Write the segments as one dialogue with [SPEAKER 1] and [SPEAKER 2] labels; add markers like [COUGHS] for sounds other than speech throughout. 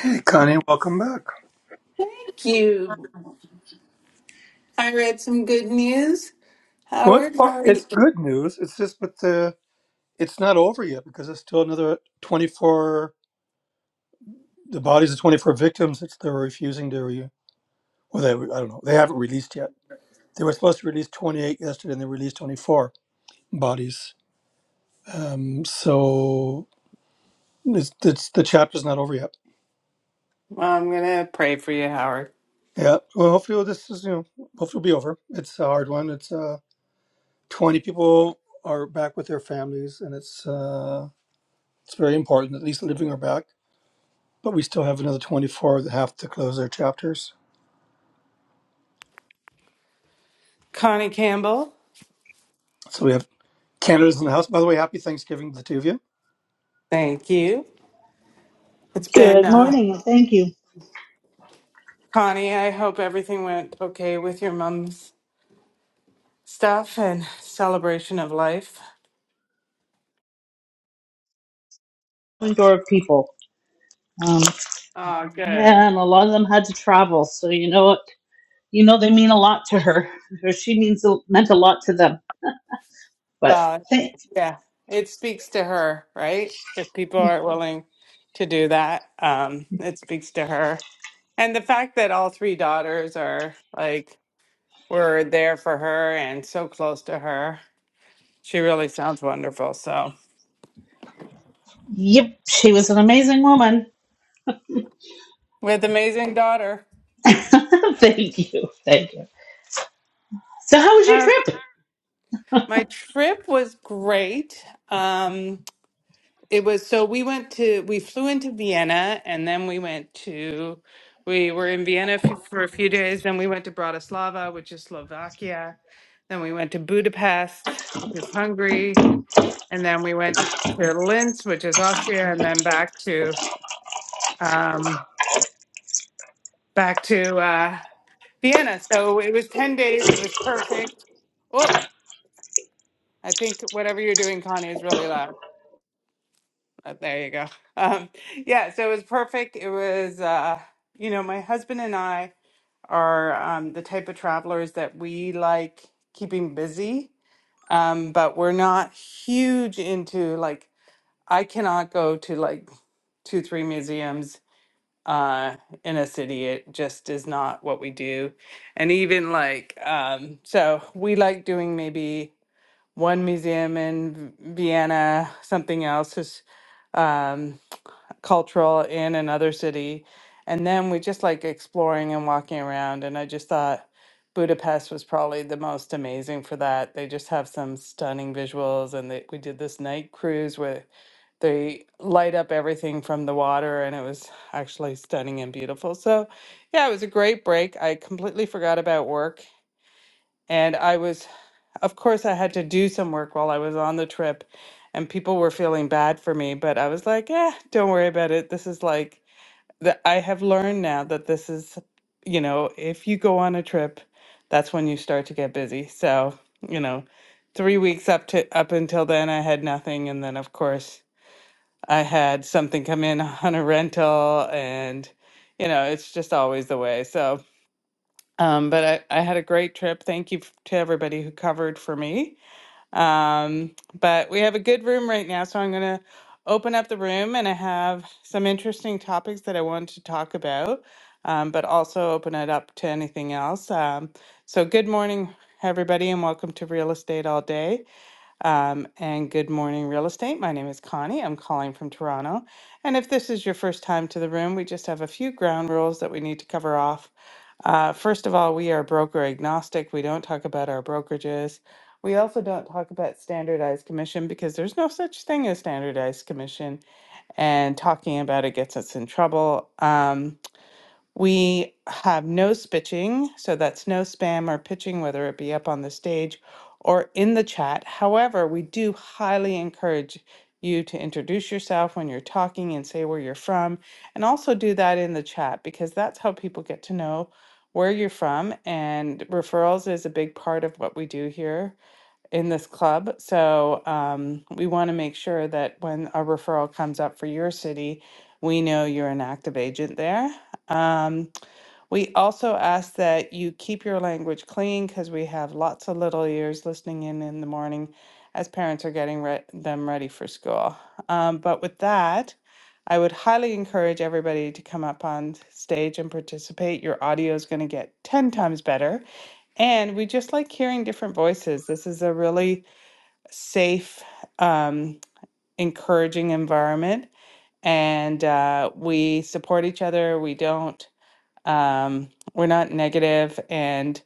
[SPEAKER 1] Hey, Connie, welcome back.
[SPEAKER 2] you. I read some good news.
[SPEAKER 1] Well, it's
[SPEAKER 2] Howard,
[SPEAKER 1] part.
[SPEAKER 2] how are you?
[SPEAKER 1] It's good news. It's just, but the it's not over yet because there's still another 24. The bodies of 24 victims that they're refusing to, re, well, they, I don't know, they haven't released yet. They were supposed to release 28 yesterday, and they released 24 bodies. Um, so it's, it's the chapter's not over yet.
[SPEAKER 2] Well, I'm going to pray for you, Howard.
[SPEAKER 1] Yeah. Well, hopefully this is, you know, hopefully it'll be over. It's a hard one. It's uh, 20 people are back with their families, and it's uh, it's very important. At least living are back but we still have another 24 that have to close their chapters.
[SPEAKER 2] Connie Campbell,
[SPEAKER 1] So we have Canada's in the house. By the way, happy Thanksgiving to the two of you.
[SPEAKER 2] thank you. It's been,
[SPEAKER 3] Good
[SPEAKER 2] uh,
[SPEAKER 3] morning, and thank you.
[SPEAKER 2] Connie, I hope everything went okay with your mom's stuff and celebration of life.
[SPEAKER 3] Door of people. Um,
[SPEAKER 2] Oh, good.
[SPEAKER 3] yeah, and a lot of them had to travel, so you know what? You know they mean a lot to her, [LAUGHS] or she means meant a lot to them. But
[SPEAKER 2] Uh,
[SPEAKER 3] thank,
[SPEAKER 2] yeah, it speaks to her, right? If people aren't willing to do that, um, it speaks to her. And the fact that all three daughters are like were there for her and so close to her. She really sounds wonderful. So,
[SPEAKER 3] yep, she was an amazing woman.
[SPEAKER 2] with amazing daughter.
[SPEAKER 3] [LAUGHS] thank you, thank you. So, how was your
[SPEAKER 2] Our,
[SPEAKER 3] trip?
[SPEAKER 2] my trip was great. Um, it was so we went to we flew into Vienna and then we went to we were in Vienna f- for a few days. Then we went to Bratislava, which is Slovakia. Then we went to Budapest, which is Hungary, and then we went to Linz, which is Austria, and then back to um, back to uh, Vienna. So it was 10 days. It was perfect. Oh, I think whatever you're doing, Connie, is really loud. Uh, there you go. [LAUGHS] Um, yeah, so it was perfect. It was, uh, you know, my husband and I are um, the type of travelers that we like keeping busy, um, but we're not huge into like, I cannot go to like two, three museums uh in a city it just is not what we do and even like um so we like doing maybe one museum in V- Vienna something else is um cultural in another city. And then we just like exploring and walking around. And I just thought Budapest was probably the most amazing for that. They just have some stunning visuals. And they, we did this night cruise where they light up everything from the water. And it was actually stunning and beautiful. So, yeah, it was a great break. I completely forgot about work. And I was of course I had to do some work while I was on the trip and people were feeling bad for me, but I was like, "Eh, don't worry about it. This is like that I have learned now that this is, you know, if you go on a trip, that's when you start to get busy." So, you know, 3 weeks up to up until then I had nothing and then of course I had something come in [LAUGHS] on a rental and you know, it's just always the way. So, um, but I, I had a great trip. Thank you f- to everybody who covered for me um, but we have a good room right now, so I'm going to open up the room and I have some interesting topics that I want to talk about, um, but also open it up to anything else. Um, so, good morning, everybody, and welcome to Real Estate All Day. Um, and good morning, real estate. My name is Connie. I'm calling from Toronto. And if this is your first time to the room, we just have a few ground rules that we need to cover off. Uh, first of all, we are broker agnostic. We don't talk about our brokerages. We also don't talk about standardized commission because there's no such thing as standardized commission, and talking about it gets us in trouble. Um, we have no spitching, so that's no spam or pitching, whether it be up on the stage or in the chat. However, we do highly encourage you to introduce yourself when you're talking and say where you're from, and also do that in the chat because that's how people get to know where you're from. And referrals is a big part of what we do here in this club. So um, we want to make sure that when a referral comes up for your city, we know you're an active agent there. Um, we also ask that you keep your language clean because we have lots of little ears listening in in the morning as parents are getting re- them ready for school. Um, but with that, I would highly encourage everybody to come up on stage and participate. Your audio is going to get 10 times better. And we just like hearing different voices. This is a really safe, um, encouraging environment. And uh, we support each other. We don't um, we're not negative and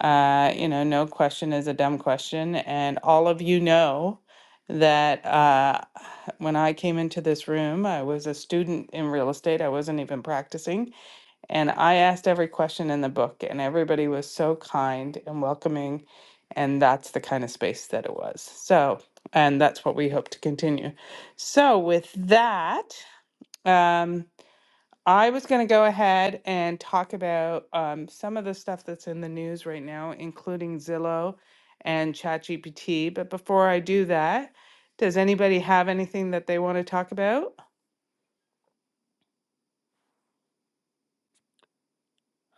[SPEAKER 2] uh, you know, no question is a dumb question. And all of you know that uh, when I came into this room, I was a student in real estate. I wasn't even practicing. And I asked every question in the book, and everybody was so kind and welcoming. And that's the kind of space that it was. So, and that's what we hope to continue. So, with that, um, I was going to go ahead and talk about um, some of the stuff that's in the news right now, including Zillow and ChatGPT. But before I do that, does anybody have anything that they want to talk about?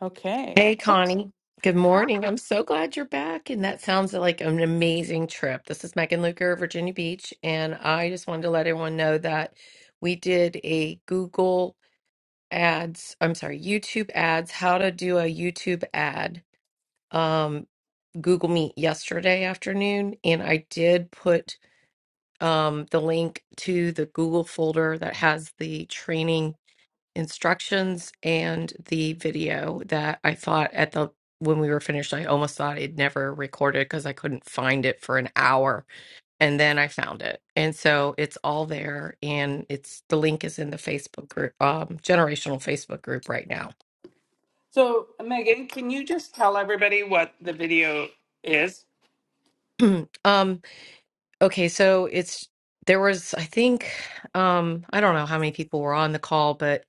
[SPEAKER 2] Okay.
[SPEAKER 4] Hey,
[SPEAKER 2] Oops.
[SPEAKER 4] Connie. Good morning. I'm so glad you're back. And that sounds like an amazing trip. This is Megan Luker, Virginia Beach. And I just wanted to let everyone know that we did a Google ads, I'm sorry, YouTube ads, how to do a YouTube ad, um, Google Meet yesterday afternoon. And I did put um, the link to the Google folder that has the training instructions and the video that I thought at the when we were finished, I almost thought it never recorded because I couldn't find it for an hour. And then I found it. And so it's all there. And it's the link is in the Facebook group, um, generational Facebook group right now.
[SPEAKER 2] So, Megan, can you just tell everybody what the video is?
[SPEAKER 4] [CLEARS THROAT] um, okay. So it's, there was, I think, um, I don't know how many people were on the call, but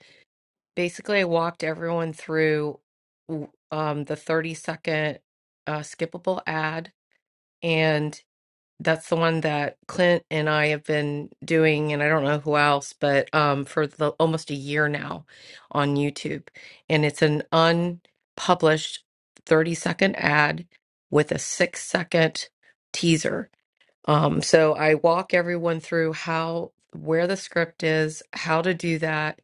[SPEAKER 4] basically I walked everyone through w- um, the 30 second uh, skippable ad and that's the one that Clint and I have been doing, and I don't know who else, but um, for the almost a year now on YouTube, and it's an unpublished thirty second ad with a six second teaser. Um, so I walk everyone through how where the script is, how to do that,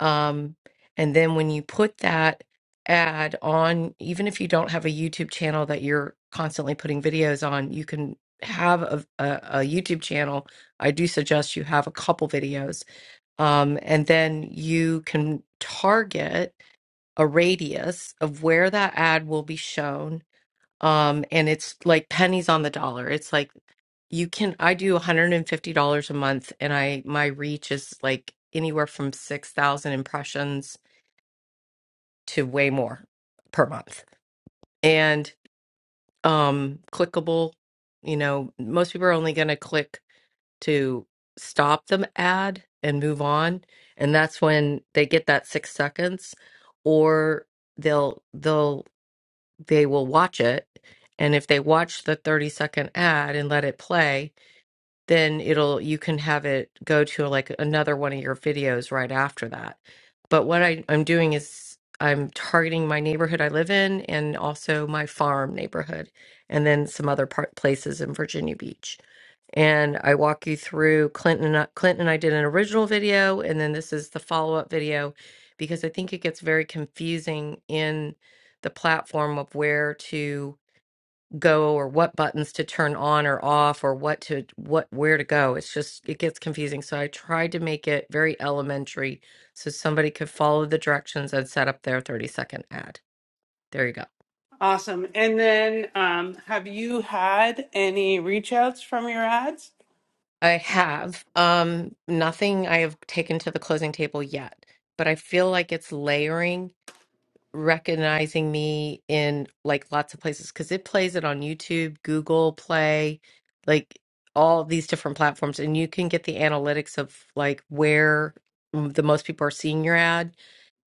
[SPEAKER 4] um, and then when you put that ad on, even if you don't have a YouTube channel that you're constantly putting videos on, you can have a, a, a YouTube channel. I do suggest you have a couple videos. Um, and then you can target a radius of where that ad will be shown um and it's like pennies on the dollar it's like you can i do $150 a month and i my reach is like anywhere from 6000 impressions to way more per month and um clickable you know most people are only going to click to stop them ad and move on and that's when they get that 6 seconds or they'll they'll they will watch it and if they watch the 30 second ad and let it play then it'll you can have it go to like another one of your videos right after that but what I, i'm doing is i'm targeting my neighborhood i live in and also my farm neighborhood and then some other par places in virginia beach and I walk you through Clinton and I, Clinton and I did an original video and then this is the follow-up video because I think it gets very confusing in the platform of where to go or what buttons to turn on or off or what to what where to go. It's just it gets confusing. So I tried to make it very elementary so somebody could follow the directions and set up their 30 second ad. There you go.
[SPEAKER 2] Awesome. And then, um, have you had any reach outs from your ads?
[SPEAKER 4] I have. Um, nothing I have taken to the closing table yet, but I feel like it's layering, recognizing me in like lots of places because it plays it on YouTube, Google Play, like all these different platforms, and you can get the analytics of like where the most people are seeing your ad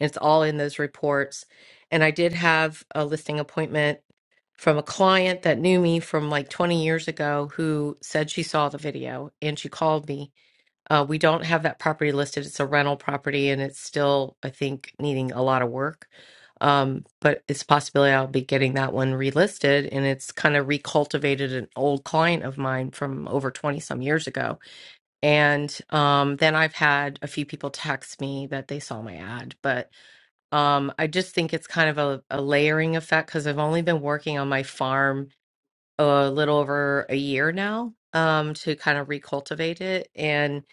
[SPEAKER 4] it's all in those reports. And I did have a listing appointment from a client that knew me from like 20 years ago who said she saw the video and she called me. Uh, we don't have that property listed. It's a rental property and it's still, I think, needing a lot of work. Um, but it's a possibility I'll be getting that one relisted and it's kind of recultivated an old client of mine from over 20 some years ago. And um, then I've had a few people text me that they saw my ad, but um, I just think it's kind of a, a layering effect because I've only been working on my farm a little over a year now um, to kind of recultivate it. And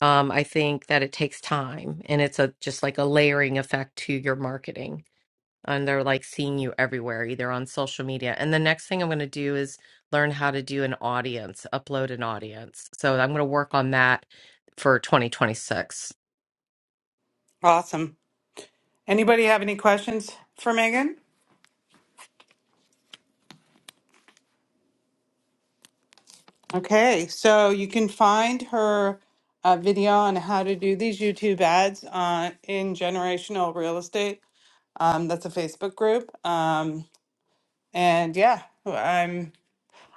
[SPEAKER 4] um, I think that it takes time and it's a just like a layering effect to your marketing. And they're like seeing you everywhere, either on social media. And the next thing I'm going to do is learn how to do an audience, upload an audience. So I'm going to work on that for 2026.
[SPEAKER 2] Awesome. Anybody have any questions for Megan? Okay, so you can find her uh, video on how to do these YouTube ads uh, in generational real estate. Um, that's a Facebook group, um, and yeah, I'm.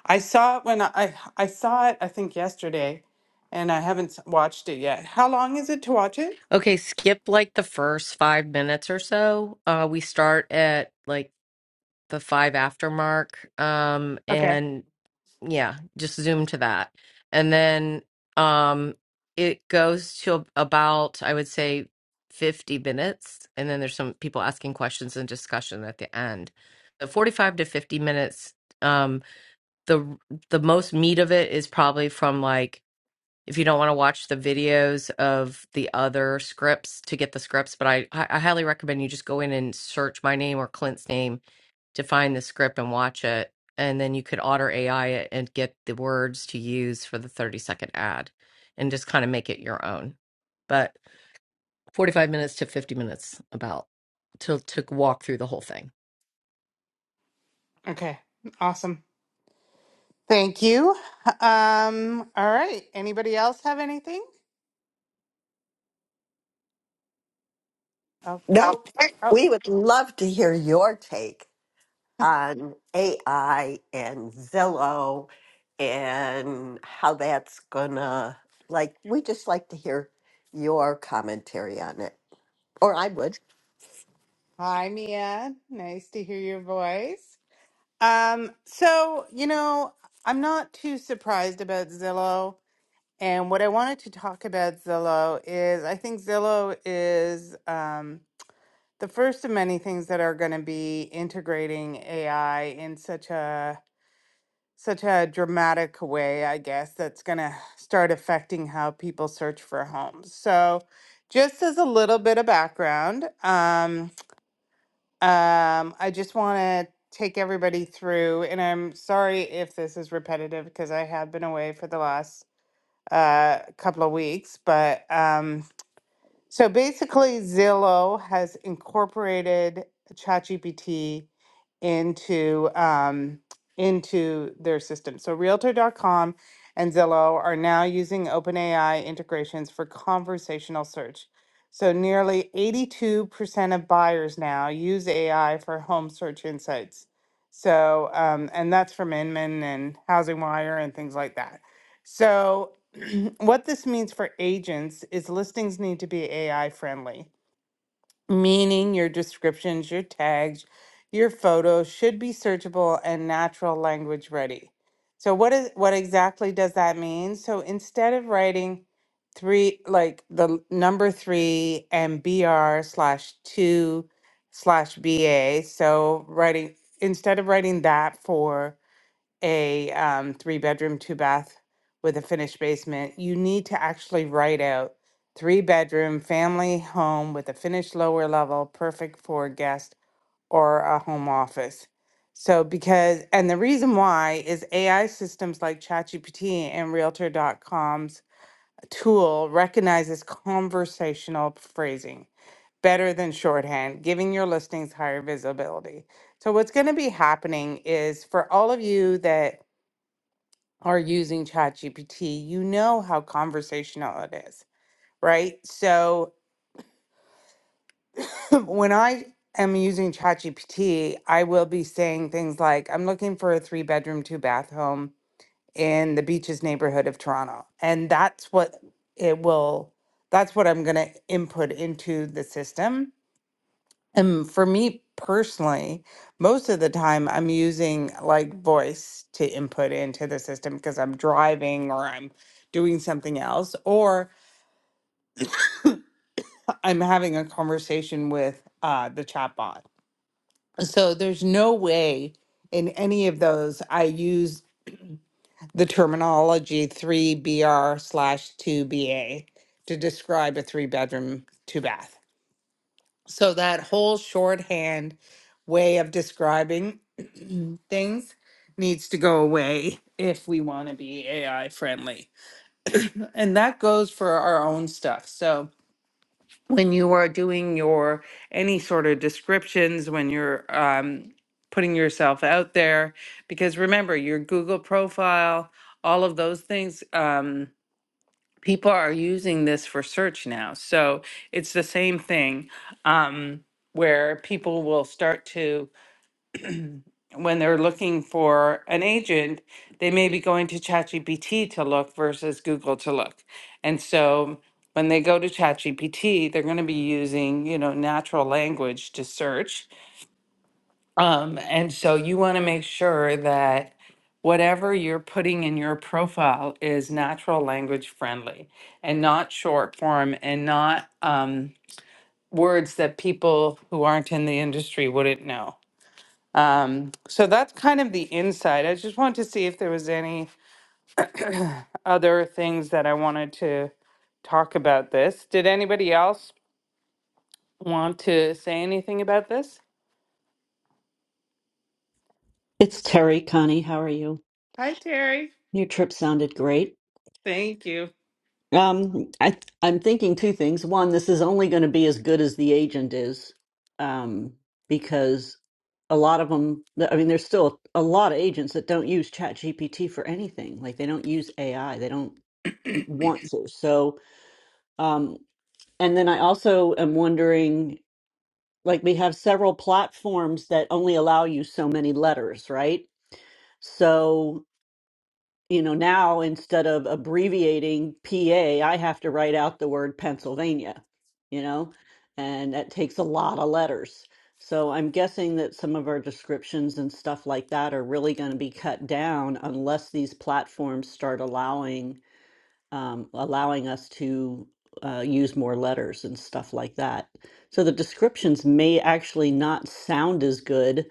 [SPEAKER 2] I saw it when I I I saw it. I think yesterday, and I haven't s- watched it yet. How long is it to watch it?
[SPEAKER 4] Okay, skip like the first five minutes or so. Uh, we start at like the five after mark. Um,
[SPEAKER 2] Okay.
[SPEAKER 4] and yeah, just zoom to that. And then um, it goes to about, I would say, 50 minutes. And then there's some people asking questions and discussion at the end. The 45 to 50 minutes, um, the the most meat of it is probably from like if you don't want to watch the videos of the other scripts to get the scripts but I, I I highly recommend you just go in and search my name or clint's name to find the script and watch it and then you could order ai it and get the words to use for the 30 second ad and just kind of make it your own But 45 minutes to 50 minutes about to to walk through the whole thing.
[SPEAKER 2] Okay. Awesome. Thank you. Um, all right. Anybody else have anything? Okay.
[SPEAKER 5] No,
[SPEAKER 2] Oh,
[SPEAKER 5] we would love to hear your take on AI and Zillow and how that's gonna, like, we just like to hear your commentary on it. Or I would.
[SPEAKER 2] hi, Mia. Nice to hear your voice. Um, so, you know, I'm not too surprised about Zillow. And what I wanted to talk about Zillow is I think Zillow is um, the first of many things that are going to be integrating AI in such a such a dramatic way, I guess, that's going to start affecting how people search for homes. So, just as a little bit of background, um, um, I just want to take everybody through, and I'm sorry if this is repetitive because I have been away for the last uh, couple of weeks, but um, so basically, Zillow has incorporated ChatGPT into um, into their system. So Realtor.com and Zillow are now using OpenAI integrations for conversational search. So nearly 82% of buyers now use AI for home search insights. So um, and that's from Inman and Housing Wire and things like that. So [CLEARS THROAT] what this means for agents is listings need to be AI friendly, meaning your descriptions, your tags, your photos should be searchable and natural language ready. So what is what exactly does that mean? So instead of writing three like the l- number three and BR slash two slash BA, so writing instead of writing that for a um, three bedroom, two bath with a finished basement, you need to actually write out three bedroom family home with a finished lower level, perfect for a guest or a home office. So, because, and the reason why is AI systems like ChatGPT and Realtor.com's tool recognizes conversational phrasing better than shorthand, giving your listings higher visibility. So, what's going to be happening is for all of you that are using ChatGPT, you know how conversational it is, right? So [CLEARS THROAT] when I am using ChatGPT, I will be saying things like, I'm looking for a three bedroom, two bath home in the beaches neighborhood of Toronto. And that's what it will, that's what I'm going to input into the system. And for me personally, most of the time I'm using like voice to input into the system because I'm driving or I'm doing something else or I'm having a conversation with uh, the chatbot. So there's no way in any of those I use the terminology 3BR slash 2BA to describe a three bedroom, two bath. So that whole shorthand way of describing [CLEARS THROAT] things needs to go away if we want to be AI friendly. [CLEARS THROAT] and that goes for our own stuff. So when you are doing your any sort of descriptions, when you're um, putting yourself out there, because remember your Google profile, all of those things. Um, people are using this for search now. So it's the same thing um, where people will start to, when they're looking for an agent, they may be going to ChatGPT to look versus Google to look. And so when they go to ChatGPT, they're going to be using, you know, natural language to search um, and so you want to make sure that whatever you're putting in your profile is natural language friendly and not short form and not um, words that people who aren't in the industry wouldn't know. Um, so that's kind of the inside. I just wanted to see if there was any [CLEARS THROAT] other things that I wanted to talk about this. Did anybody else want to say anything about this?
[SPEAKER 6] It's Terry, Connie. How are you?
[SPEAKER 2] Hi, Terry.
[SPEAKER 6] Your trip sounded great.
[SPEAKER 2] Thank you.
[SPEAKER 6] Um, I I'm thinking two things. One, this is only going to be as good as the agent is, um, because a lot of them. I mean, there's still a lot of agents that don't use ChatGPT for anything. Like they don't use AI. They don't want to. So, um, and then I also am wondering, like we have several platforms that only allow you so many letters, right? So you know, now instead of abbreviating PA, I have to write out the word Pennsylvania, you know, and that takes a lot of letters. So I'm guessing that some of our descriptions and stuff like that are really going to be cut down unless these platforms start allowing um, allowing us to uh, use more letters and stuff like that. So the descriptions may actually not sound as good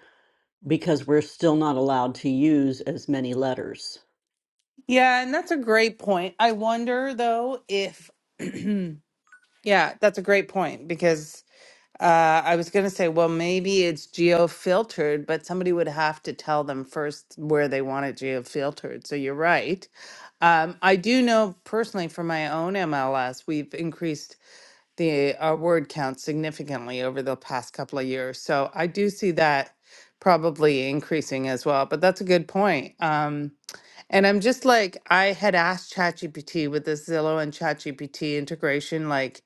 [SPEAKER 6] because we're still not allowed to use as many letters.
[SPEAKER 2] Yeah, and that's a great point. I wonder though if [CLEARS THROAT] yeah, that's a great point because uh I was going to say well maybe it's geo-filtered, but somebody would have to tell them first where they want it geo-filtered. So you're right. Um I do know personally from my own MLS, we've increased the uh, word count significantly over the past couple of years. So I do see that probably increasing as well, but that's a good point. Um and I'm just like, I had asked ChatGPT with the Zillow and ChatGPT integration, like,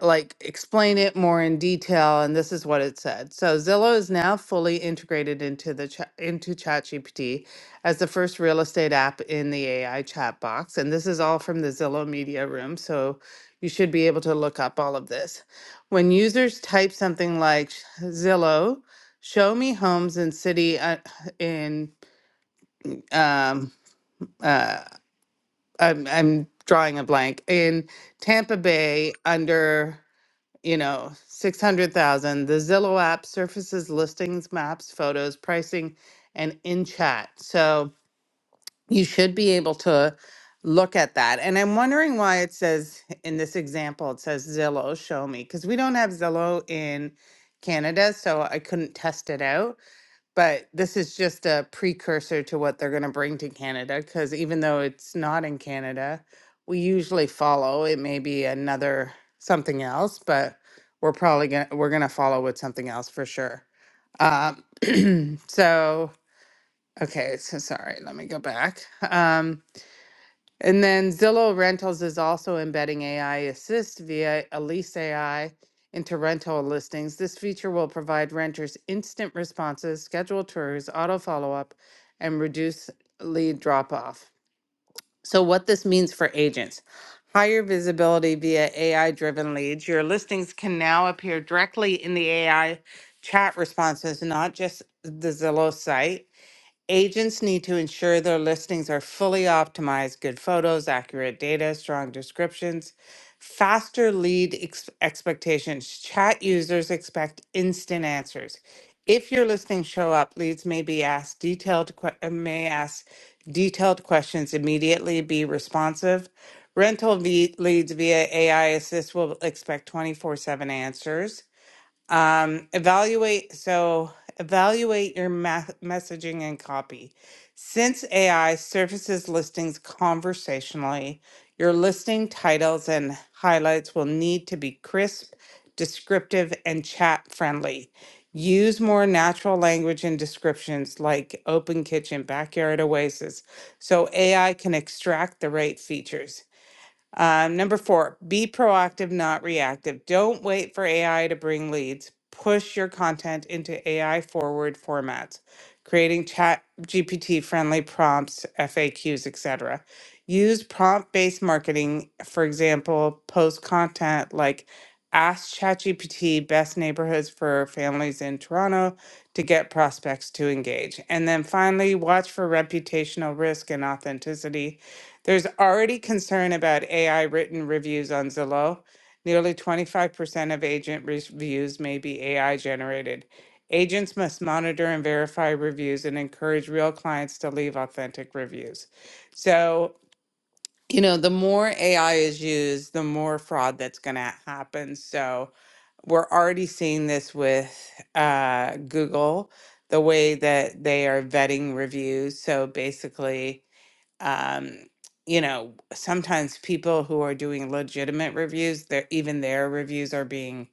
[SPEAKER 2] like explain it more in detail. And this is what it said. So Zillow is now fully integrated into the chat into ChatGPT as the first real estate app in the AI chat box. And this is all from the Zillow Media Room. So you should be able to look up all of this. When users type something like Zillow, show me homes in city uh, in um, uh. I'm I'm drawing a blank in Tampa Bay under you know six hundred thousand. The Zillow app surfaces listings, maps, photos, pricing, and in chat. So you should be able to look at that. And I'm wondering why it says in this example it says Zillow show me because we don't have Zillow in Canada, so I couldn't test it out but this is just a precursor to what they're going to bring to Canada because even though it's not in Canada, we usually follow. It may be another something else, but we're probably gonna we're gonna follow with something else for sure. Um, so okay, so sorry, let me go back. Um, and then Zillow Rentals is also embedding AI Assist via Elise AI into rental listings. This feature will provide renters instant responses, schedule tours, auto follow up, and reduce lead drop off. So, what this means for agents higher visibility via AI driven leads. Your listings can now appear directly in the AI chat responses, not just the Zillow site Agents need to ensure their listings are fully optimized, good photos, accurate data, strong descriptions, faster lead ex- expectations. Chat users expect instant answers. If your listings show up, leads may be asked detailed que- uh, may ask detailed questions immediately, be responsive. Rental v- leads via AI assist will expect 24/7 answers. Um, evaluate, so evaluate your ma- messaging and copy. Since AI surfaces listings conversationally, your listing titles and highlights will need to be crisp, descriptive, and chat friendly. Use more natural language and descriptions like open kitchen, backyard oasis, so AI can extract the right features. Uh, number four, be proactive, not reactive. Don't wait for AI to bring leads. Push your content into AI forward formats, creating chat GPT friendly prompts, FAQs, etc. Use prompt based marketing. For example, post content like ask ChatGPT best neighborhoods for families in Toronto to get prospects to engage. And then finally, watch for reputational risk and authenticity there's already concern about AI written reviews on Zillow. Nearly 25% of agent reviews may be AI generated. Agents must monitor and verify reviews and encourage real clients to leave authentic reviews. So, you know, the more AI is used, the more fraud that's going to happen. So, we're already seeing this with uh, Google, the way that they are vetting reviews. So, basically, um, you know, sometimes people who are doing legitimate reviews, their even their reviews are being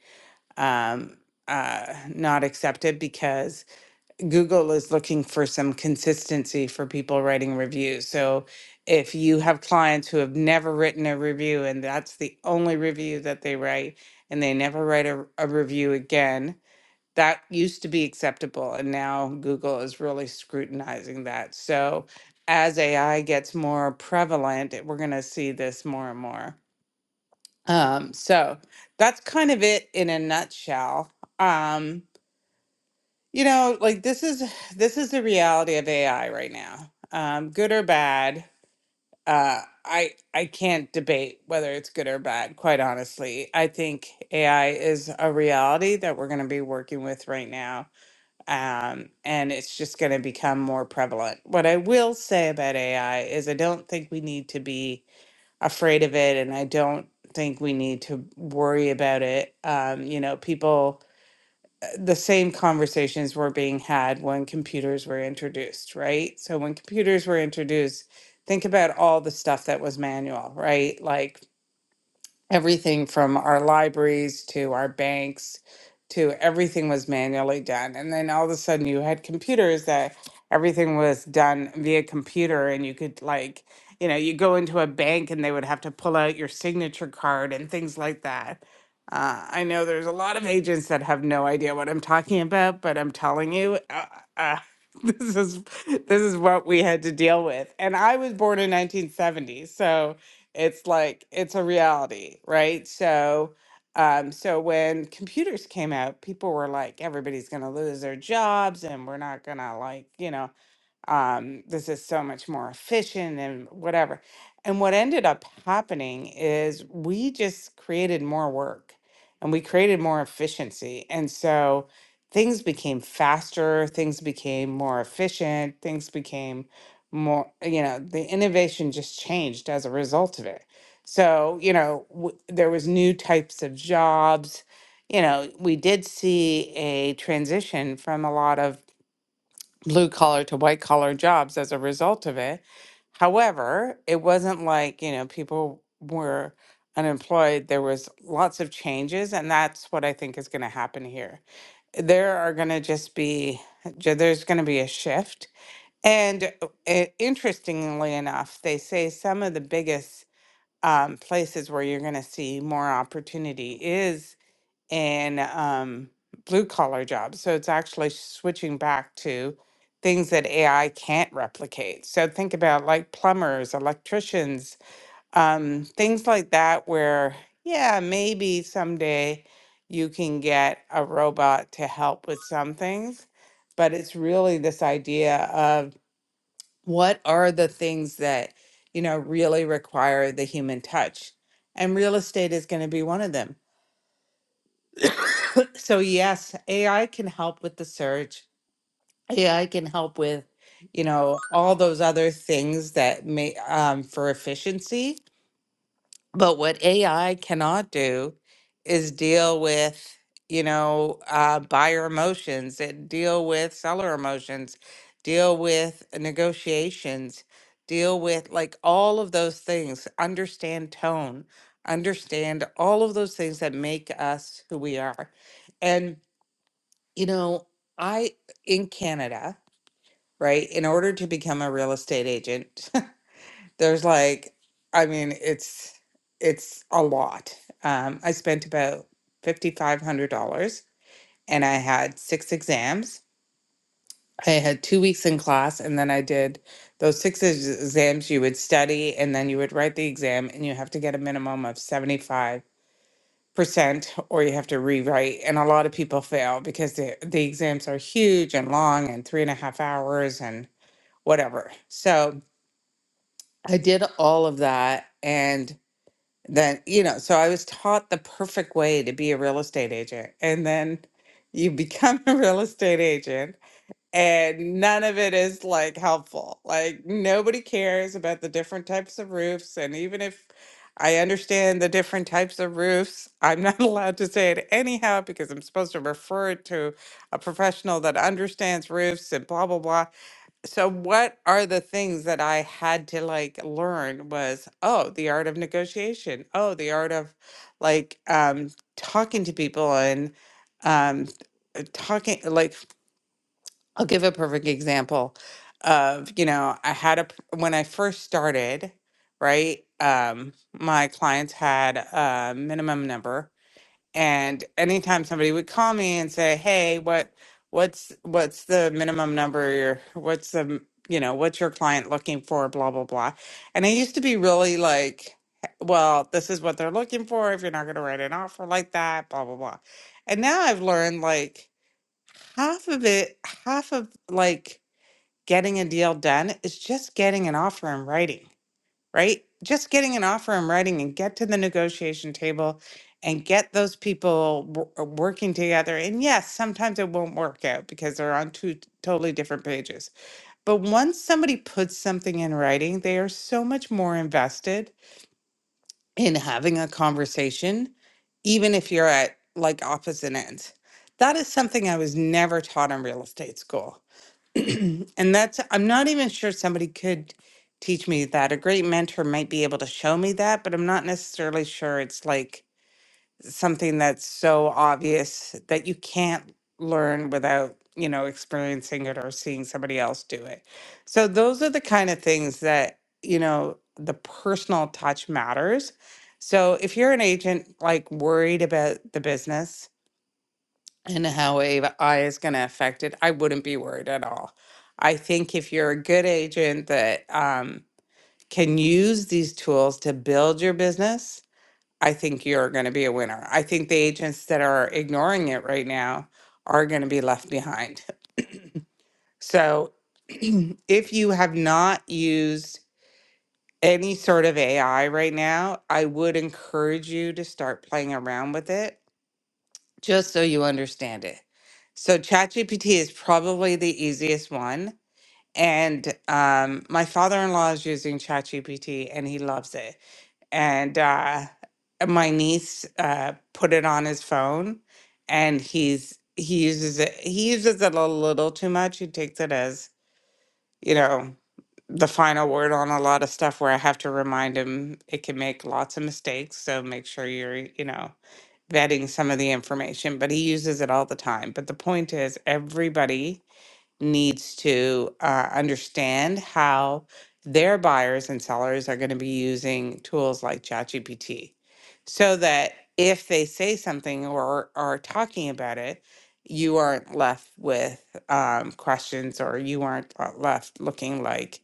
[SPEAKER 2] um, uh, not accepted because Google is looking for some consistency for people writing reviews. So if you have clients who have never written a review and that's the only review that they write, and they never write a, a review again that used to be acceptable and now google is really scrutinizing that so as ai gets more prevalent it- we're going to see this more and more um, so that's kind of it in a nutshell um, you know like this is this is the reality of ai right now um, good or bad uh, i i can't debate whether it's good or bad quite honestly i think ai is a reality that we're going to be working with right now um, and it's just going to become more prevalent. What I will say about AI is I don't think we need to be afraid of it, and I don't think we need to worry about it. Um, you know, people, uh, the same conversations were being had when computers were introduced, right? So when computers were introduced, think about all the stuff that was manual, right? Like everything from our libraries to our banks to everything was manually done. And then all of a sudden you had computers that everything was done via computer and you could like, you know, you go into a bank and they would have to pull out your signature card and things like that. Uh, I know there's a lot of agents that have no idea what I'm talking about, but I'm telling you, uh, uh, [LAUGHS] this is this is what we had to deal with. And I was born in 1970, so it's like it's a reality, right? So, um, so when computers came out, people were like, everybody's gonna lose their jobs, and we're not gonna like, you know um, this is so much more efficient and whatever. And what ended up happening is we just created more work and we created more efficiency. And so things became faster, things became more efficient, things became more, you know, the innovation just changed as a result of it. So, you know, w- there was new types of jobs. You know, we did see a transition from a lot of blue collar to white collar jobs as a result of it. However, it wasn't like, you know, people were unemployed. There was lots of changes, and that's what I think is going to happen here. There are going to just be ju- there's going to be a shift. And uh, i- interestingly enough, they say some of the biggest um, places where you're going to see more opportunity is and um, blue collar jobs. So it's actually switching back to things that AI can't replicate. So think about like plumbers, electricians, um, things like that, where, yeah, maybe someday you can get a robot to help with some things. But it's really this idea of what are the things that, you know, really require the human touch. And real estate is going to be one of them So yes, AI can help with the search. AI can help with, you know, all those other things that may um, for efficiency. But what AI cannot do is deal with, you know, uh, buyer emotions. It deal with seller emotions. Deal with negotiations. Deal with like all of those things. Understand tone. Understand all of those things that make us who we are, and you know, I in Canada, right? In order to become a real estate agent, [LAUGHS] there's like, I mean, it's it's a lot. Um, I spent about $5,500 and I had six exams. I had two weeks in class, and then I did those six ex- exams. You would study, and then you would write the exam, and you have to get a minimum of 75 percent or you have to rewrite and a lot of people fail because the, the exams are huge and long and three and a half hours and whatever so i did all of that and then you know so i was taught the perfect way to be a real estate agent and then you become [LAUGHS] a real estate agent and none of it is like helpful. Like nobody cares about the different types of roofs. And even if I understand the different types of roofs, I'm not [LAUGHS] allowed to say it anyhow because I'm supposed to refer it to a professional that understands roofs and blah, blah, blah. So, what are the things that I had to like learn was, oh, the art of negotiation. Oh, the art of like um, talking to people and um, talking like I'll give a perfect example of, you know, I had a when I first started, right? Um, my clients had a minimum number and anytime somebody would call me and say, "Hey, what what's what's the minimum number your what's the, m- you know, what's your client looking for, blah blah blah." And I used to be really like, "Well, this is what they're looking for if you're not going to write an offer like that, blah blah blah." And now I've learned like half of it, half of like getting a deal done is just getting an offer in writing, right? Just getting an offer in writing and get to the negotiation table and get those people wo- uh, working together. And yes, sometimes it won't work out because they're on two t- totally different pages. But once somebody puts something in writing, they are so much more invested in having a conversation, even if you're at like opposite ends. That is something I was never taught in real estate school [CLEARS THROAT] and that's, I'm not even sure somebody could teach me that. A great mentor might be able to show me that, but I'm not necessarily sure it's like something that's so obvious that you can't learn without, you know, experiencing it or seeing somebody else do it. So those are the kind of things that, you know, the personal touch matters. So if you're an agent like worried about the business, and how AI is going to affect it, I wouldn't be worried at all. I think if you're a good agent that um, can use these tools to build your business, I think you're going to be a winner. I think the agents that are ignoring it right now are going to be left behind. [LAUGHS] So [CLEARS THROAT] if you have not used any sort of AI right now, I would encourage you to start playing around with it just so you understand it. So ChatGPT is probably the easiest one. And um, my father-in-law is using ChatGPT and he loves it. And uh, my niece uh, put it on his phone and he's he uses it he uses it a little too much. He takes it as, you know, the final word on a lot of stuff where I have to remind him it can make lots of mistakes. So make sure you're, you know, vetting some of the information, but he uses it all the time. But the point is, everybody needs to uh, understand how their buyers and sellers are going to be using tools like ChatGPT so that if they say something or are talking about it, you aren't left with um, questions or you aren't uh, left looking like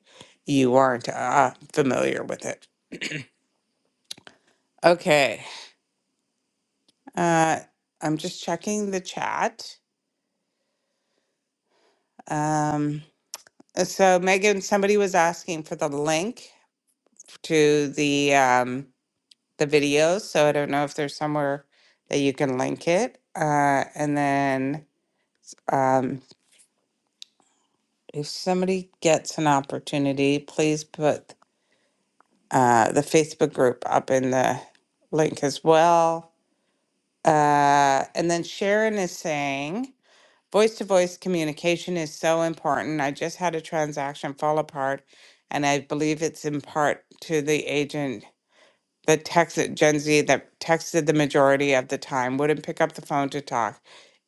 [SPEAKER 2] you aren't uh, familiar with it. Okay. Uh, I'm just checking the chat. Um, uh, so Megan, somebody was asking for the link to the um, the videos, so I don't know if there's somewhere that you can link it. Uh, and then um, if somebody gets an opportunity, please put uh, the Facebook group up in the link as well. Uh, and then Sharon is saying. Voice to voice communication is so important. I just had a transaction fall apart, and I believe it's in part to the agent that texted Gen Z that texted the majority of the time, wouldn't pick up the phone to talk.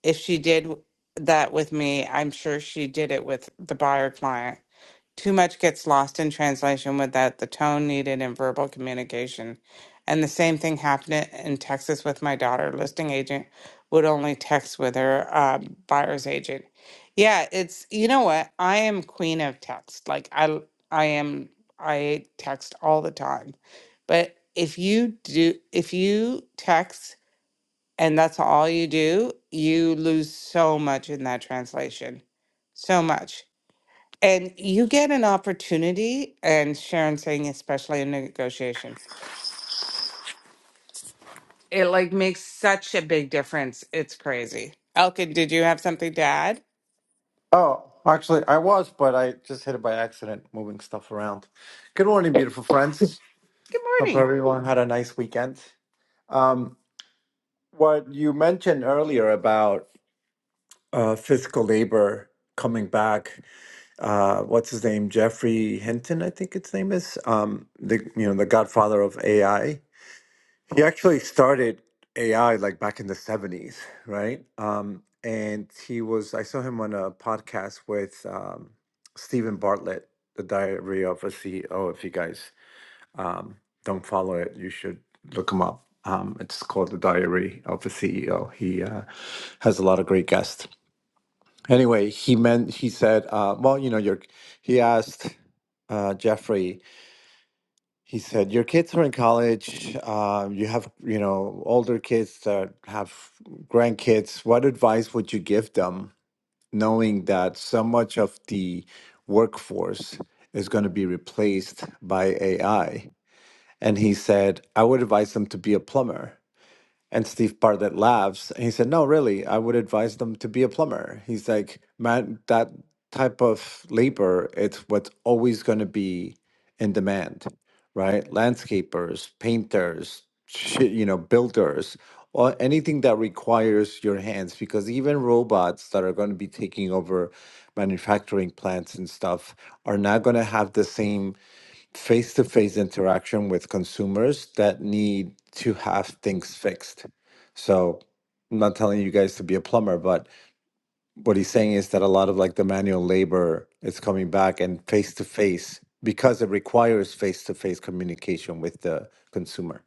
[SPEAKER 2] If she did w- that with me, I'm sure she did it with the buyer client. Too much gets lost in translation without the tone needed in verbal communication. And the same thing happened in Texas with my daughter. Listing agent would only text with her uh, buyer's agent. Yeah, it's you know what? I am queen of text. Like I I am I text all the time. But if you do if you text and that's all you do, you lose so much in that translation. So much. And you get an opportunity, and Sharon saying, especially in negotiations, it like makes such a big difference. It's crazy. Elkin, did you have something to add?
[SPEAKER 7] Oh, actually, I was, but I just hit it by accident, moving stuff around. Good morning, beautiful friends.
[SPEAKER 2] Good
[SPEAKER 7] Hope
[SPEAKER 2] morning.
[SPEAKER 7] everyone had a nice weekend. Um, what you mentioned earlier about uh, physical labor coming back, uh, what's his name, Jeffrey Hinton, I think his name is, um, the you know the godfather of AI. He actually started AI like back in the 70s, right? Um, and he was, I saw him on a podcast with um, Stephen Bartlett, The Diary of a CEO. If you guys um, don't follow it, you should look him up. Um, it's called The Diary of a CEO. He uh, has a lot of great guests. Anyway, he meant, he said, uh, well, you know, you're, he asked uh, Jeffrey, he said, "Your kids are in college. Um, you have, you know, older kids that have grandkids. What advice would you give them, knowing that so much of the workforce is going to be replaced by AI?" And he said, "I would advise them to be a plumber." And Steve Bartlett laughs, and he said, "No, really, I would advise them to be a plumber." He's like, "Man, that type of labor, it's what's always going to be in demand." right? Landscapers, painters, shi- you know, builders, or anything that requires your hands, because even robots that are going to be taking over manufacturing plants and stuff are not going to have the same face to face interaction with consumers that need to have things fixed. So I'm not telling you guys to be a plumber, but what he's saying is that a lot of like the manual labor is coming back and face to face because it requires face to face communication with the consumer.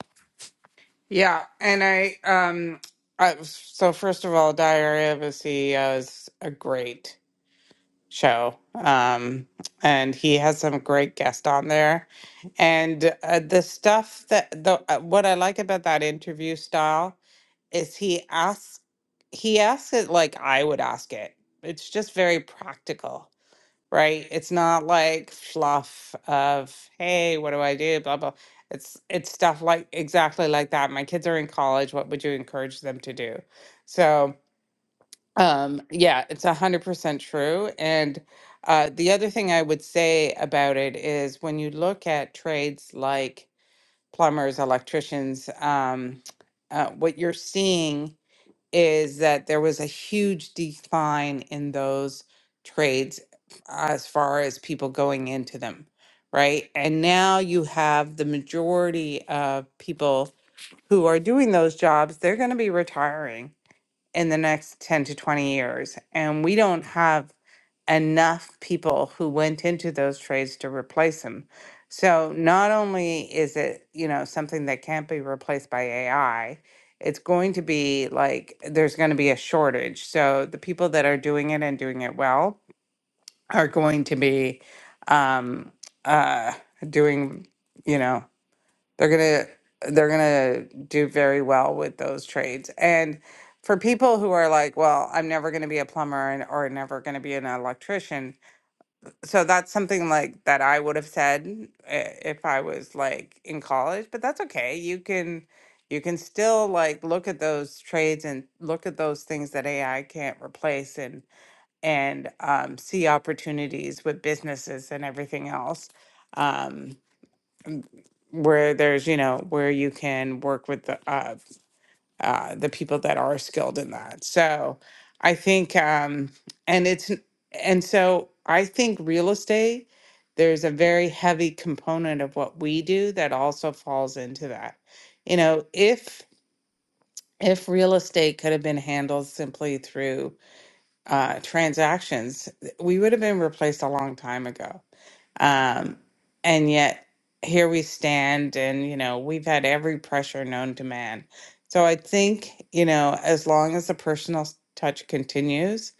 [SPEAKER 2] Yeah, and I um I, so first of all, Diary of a CEO is a great show. Um and he has some great guests on there. And uh, the stuff that the uh, what I like about that interview style is he asks he asks it like I would ask it. It's just very practical, right? It's not like fluff of, hey, what do I do? Blah blah. It's it's stuff like exactly like that. My kids are in college. What would you encourage them to do? So um yeah, it's a hundred percent true. And uh, the other thing I would say about it is when you look at trades like plumbers, electricians, um, uh, what you're seeing is that there was a huge decline in those trades as far as people going into them, right? And now you have the majority of people who are doing those jobs, they're going to be retiring in the next 10 to 20 years. And we don't have enough people who went into those trades to replace them. So not only is it, you know, something that can't be replaced by AI, it's going to be like there's going to be a shortage. So the people that are doing it and doing it well are going to be um uh doing, you know, they're going to they're going to do very well with those trades. And for people who are like, well, I'm never going to be a plumber and, or never going to be an electrician, so that's something like that I would have said i- if I was like in college, but that's okay. You can you can still like look at those trades and look at those things that AI can't replace and and um, see opportunities with businesses and everything else um, where there's you know where you can work with the, uh, uh, the people that are skilled in that. So I think, um, and it's, and so I think real estate, there's a very heavy component of what we do that also falls into that. You know, if, if real estate could have been handled simply through uh, transactions, we would have been replaced a long time ago. Um, and yet here we stand, and you know, we've had every pressure known to man. So I think, you know, as long as the personal s- touch continues,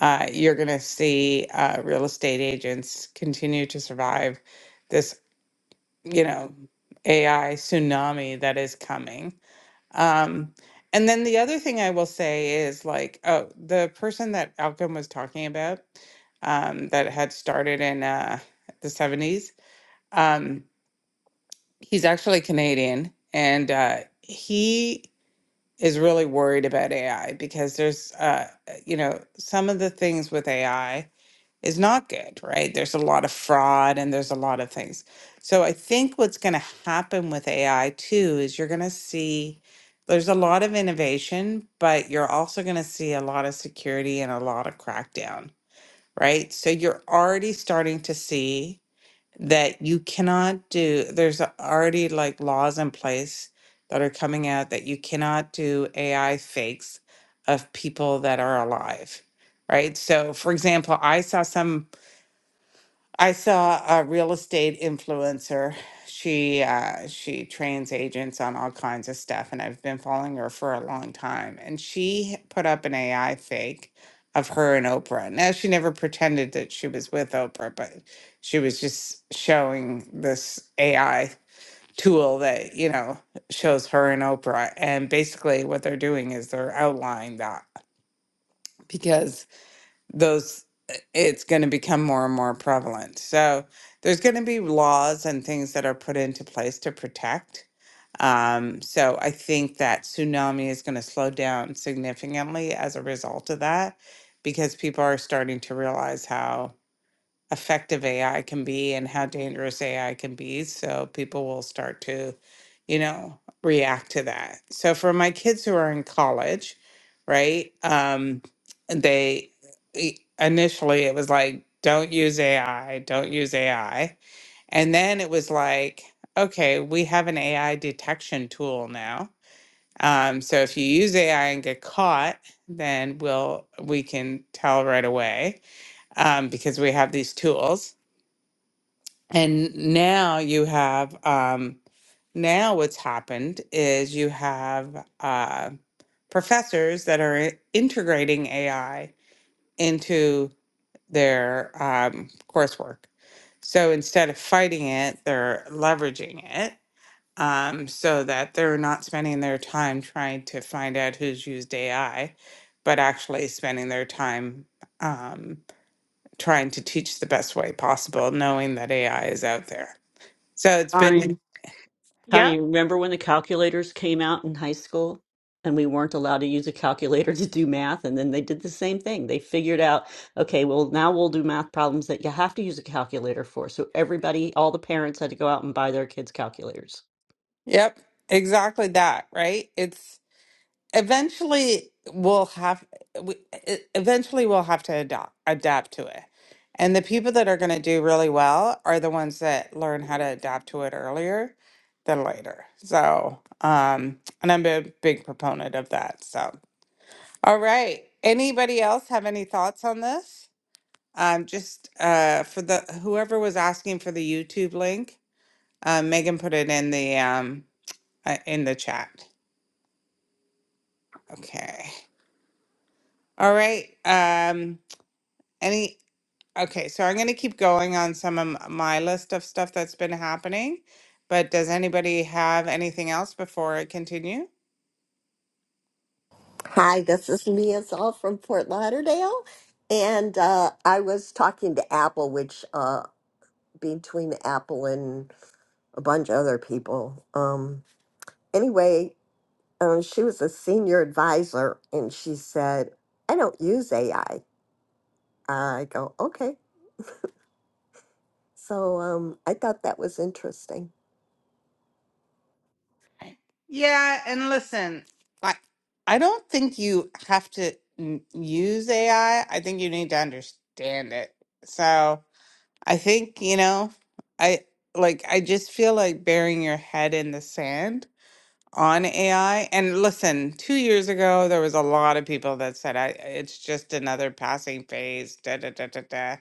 [SPEAKER 2] uh, you're going to see uh, real estate agents continue to survive this, you know, AI tsunami that is coming. Um, and then the other thing I will say is like, oh, the person that Alcom was talking about um, that had started in uh, the 70s um, he's actually Canadian, and uh, he is really worried about AI because there's, uh, you know, some of the things with AI is not good, right? There's a lot of fraud and there's a lot of things. So I think what's going to happen with AI too is you're going to see there's a lot of innovation, but you're also going to see a lot of security and a lot of crackdown, right? So you're already starting to see that you cannot do, there's already like laws in place that are coming out that you cannot do AI fakes of people that are alive, right? So, for example, I saw some. I saw a real estate influencer. She uh, she trains agents on all kinds of stuff, and I've been following her for a long time. And she put up an AI fake of her and Oprah. Now she never pretended that she was with Oprah, but she was just showing this AI tool that you know shows her and Oprah. And basically, what they're doing is they're outlining that because those it's going to become more and more prevalent. So there's going to be laws and things that are put into place to protect. Um, so I think that tsunami is going to slow down significantly as a result of that, because people are starting to realize how effective AI can be and how dangerous AI can be. So people will start to, you know, react to that. So for my kids who are in college, right? Um, they i- initially it was like, don't use AI, don't use AI. And then it was like, okay, we have an AI detection tool now. Um, so if you use AI and get caught, then we'll we can tell right away um, because we have these tools. And now you have, um, now what's happened is you have uh, professors that are i- integrating AI into their um, coursework. So instead of fighting it, they're leveraging it um, so that they're not spending their time trying to find out who's used AI, but actually spending their time um, trying to teach the best way possible, knowing that AI is out there. So it's
[SPEAKER 6] Connie.
[SPEAKER 2] been, Yeah.
[SPEAKER 6] Connie, remember when the calculators came out in high school and we weren't allowed to use a calculator [LAUGHS] to do math? And then they did the same thing. They figured out, okay, well, now we'll do math problems that you have to use a calculator for. So everybody, all the parents had to go out and buy their kids calculators.
[SPEAKER 2] yep, exactly that, right? It's eventually we'll have, we, e- eventually we'll have to adapt, adapt to it. And the people that are going to do really well are the ones that learn how to adapt to it earlier than later. So, um, and I'm a big proponent of that. So, all right. Anybody else have any thoughts on this? Um, just uh, for the whoever was asking for the YouTube link, uh, Megan put it in the um, uh, in the chat. Okay. All right. Um, any, okay, so I'm going to keep going on some of m- my list of stuff that's been happening, but does anybody have anything else before I continue?
[SPEAKER 5] Hi, this is Mia Zoll from Fort Lauderdale. And uh, I was talking to Apple, which uh, between Apple and a bunch of other people. Um, anyway, um, she was a senior advisor and she said, I don't use AI. I I go, okay. So um, I thought that was interesting.
[SPEAKER 2] Right. Yeah, and listen, I, I don't think you have to n- use AI. I I think you need to understand it. So I think, you know, I like, I just feel like burying your head in the sand on AI. And listen, two years ago, there was a lot of people that said, I, it's just another passing phase, da, da, da, da, da.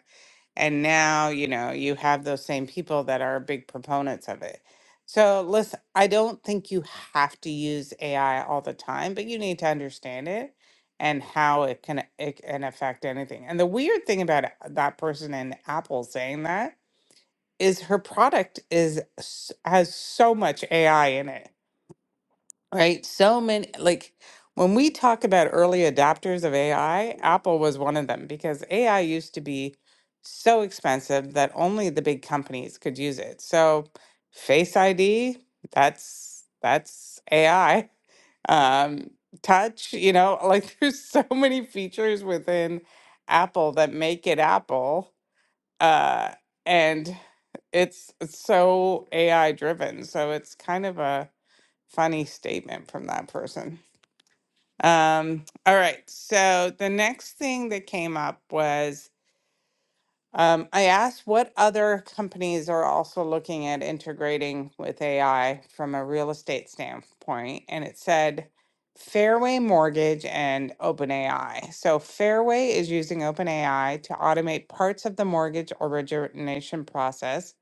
[SPEAKER 2] And now, you know, you have those same people that are big proponents of it. So listen, I don't think you have to use AI all the time, but you need to understand it and how it can it can affect anything. And the weird thing about that person in Apple saying that is her product is s- has so much AI in it right? So many, like when we talk about early adopters of AI, Apple was one of them because AI used to be so expensive that only the big companies could use it. So Face ID, that's that's AI. Um, touch, you know, [LAUGHS] like there's so many features within Apple that make it Apple. Uh, and it's it's so AI driven. So it's kind of a funny statement from that person. Um, all right. So the next thing that came up was um, I asked what other companies are also looking at integrating with AI from a real estate standpoint, and it said Fairway Mortgage and OpenAI. So Fairway is using OpenAI to automate parts of the mortgage origination process,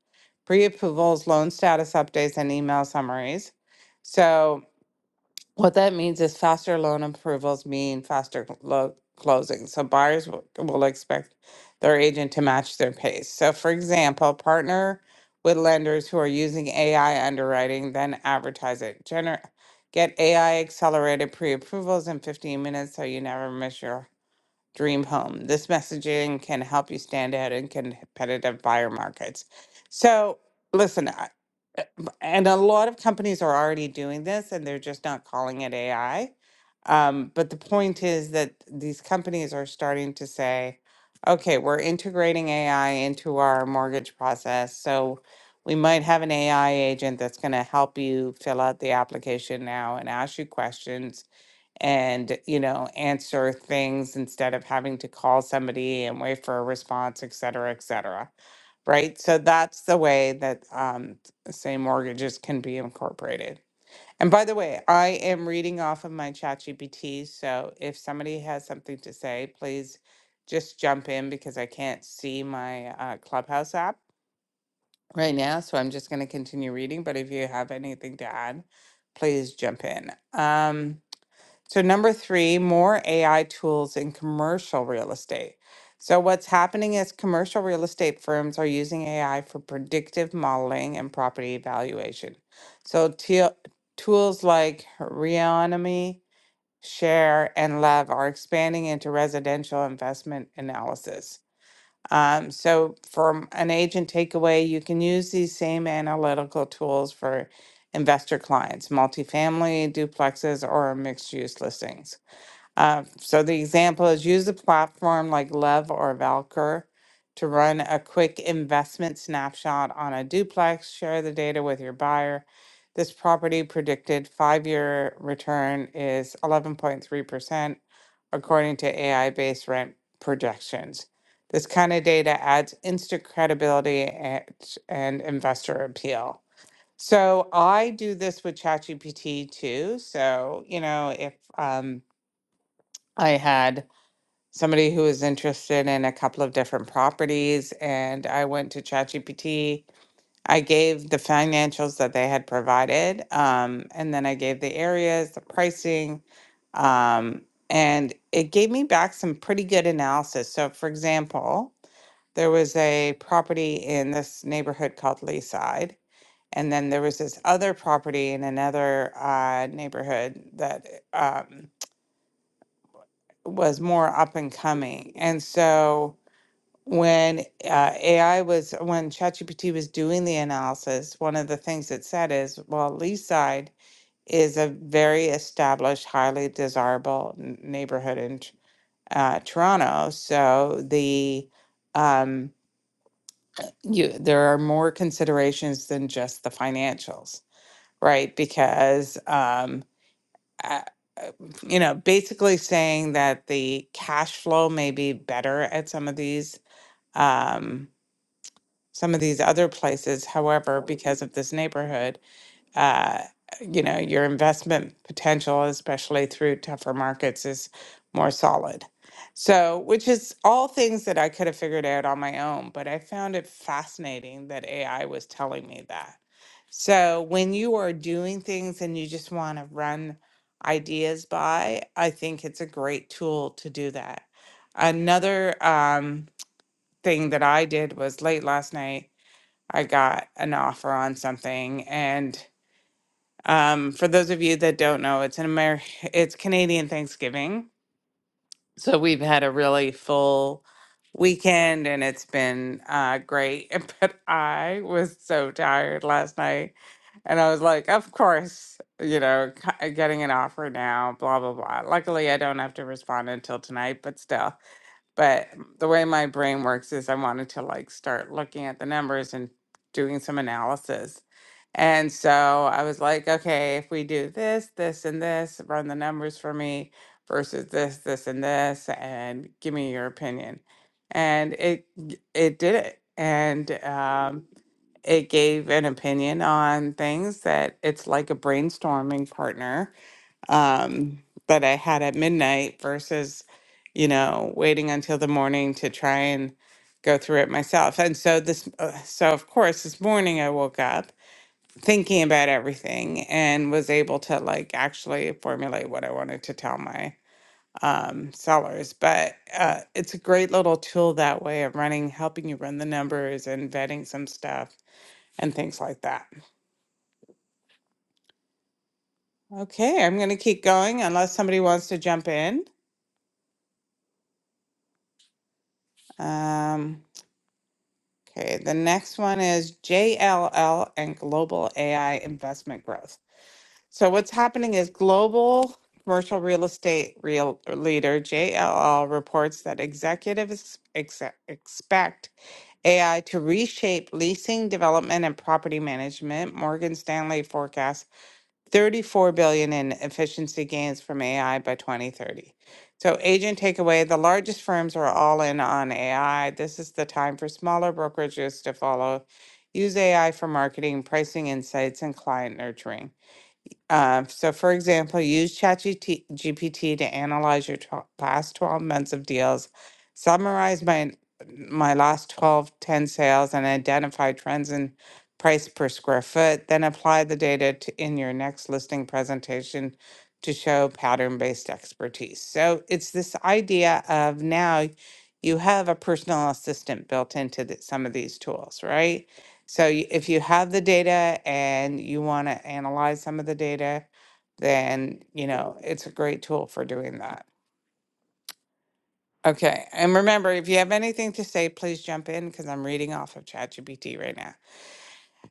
[SPEAKER 2] pre-approvals, loan status updates, and email summaries. So what that means is faster loan approvals mean faster lo- closing. So buyers will, will expect their agent to match their pace. So, for example, partner with lenders who are using AI underwriting, then advertise it. Gener- get AI accelerated pre approvals in 15 minutes so you never miss your dream home. This messaging can help you stand out in competitive buyer markets. So, listen, I- and a lot of companies are already doing this and they're just not calling it AI. Um, but the point is that these companies are starting to say, okay, we're integrating AI into our mortgage process. So we might have an AI agent that's going to help you fill out the application now and ask you questions and you know answer things instead of having to call somebody and wait for a response et cetera et cetera right so that's the way that um, say mortgages can be incorporated and by the way i am reading off of my ChatGPT. so if somebody has something to say please just jump in because i can't see my uh, clubhouse app right now so i'm just going to continue reading but if you have anything to add please jump in um, so, number three, more AI tools in commercial real estate. So, what's happening is commercial real estate firms are using AI for predictive modeling and property evaluation. So, teo- tools like Reonomy, Share, and Love are expanding into residential investment analysis. Um, so, from an agent takeaway, you can use these same analytical tools for investor clients, multifamily, duplexes, or mixed use listings. Uh, so the example is use a platform like Lev or Valker to run a quick investment snapshot on a duplex, share the data with your buyer. This property predicted five-year return is 11.3% according to AI-based rent projections. This kind of data adds instant credibility and, and investor appeal. So I do this with ChatGPT too. So, you know, if um, I had somebody who was interested in a couple of different properties, and I went to ChatGPT. I gave the financials that they had provided, um, and then I gave the areas, the pricing, um, and it gave me back some pretty good analysis. So, for example, there was a property in this neighborhood called Leaside. And then there was this other property in another uh, neighborhood that um, was more up and coming. And so when uh, AI was, when ChatGPT was doing the analysis, one of the things it said is, well, Leaside is a very established, highly desirable n- neighborhood in T- uh, Toronto. So the, um, you, there are more considerations than just the financials, right? Because, um, uh, uh, you know, basically saying that the cash flow may be better at some of these um, some of these other places. However, because of this neighborhood, uh, you know, your investment potential, especially through tougher markets, is more solid. So, which is all things that I could have figured out on my own, but I found it fascinating that AI was telling me that. So, when you are doing things and you just want to run ideas by, I think it's a great tool to do that. Another um, thing that I did was late last night, I got an offer on something and um, for those of you that don't know, it's an Amer- it's Canadian Thanksgiving. So we've had a really full weekend and it's been uh, great. [LAUGHS] But I was so tired last night. And I was like, of course, you know, c- getting an offer now, blah, blah, blah. Luckily, I don't have to respond until tonight, but still but the way my brain works is I wanted to like start looking at the numbers and doing some analysis. And so I was like, okay, if we do this, this, and this, run the numbers for me versus this, this, and this, and give me your opinion. And it g- it did it, and um, it gave an opinion on things that it's like a brainstorming partner um, but I had at midnight versus, you know, waiting until the morning to try and go through it myself. And so this, uh, so of course, this morning I woke up thinking about everything and was able to like actually formulate what I wanted to tell my um, sellers. But uh, it's a great little tool that way of running, helping you run the numbers and vetting some stuff. And things like that. Okay, I'm going to keep going unless somebody wants to jump in. Um, Okay, the next one is JLL and global AI investment growth. So what's happening is global commercial real estate real leader JLL reports that executives ex- expect AI to reshape leasing, development, and property management. Morgan Stanley forecasts 34 billion in efficiency gains from AI by 2030. So agent takeaway, the largest firms are all in on AI. This is the time for smaller brokerages to follow. Use AI for marketing, pricing insights, and client nurturing. Uh, so, for example, use ChatGPT to analyze your 12, past 12 months of deals, summarize my my last 12 10 sales, and identify trends in price per square foot. Then apply the data to, in your next listing presentation to show pattern based expertise. So, it's this idea of now you have a personal assistant built into the, some of these tools, right? So y- if you have the data and you want to analyze some of the data, then, you know, it's a great tool for doing that. Okay. And remember, if you have anything to say, please jump in because I'm reading off of ChatGPT right now.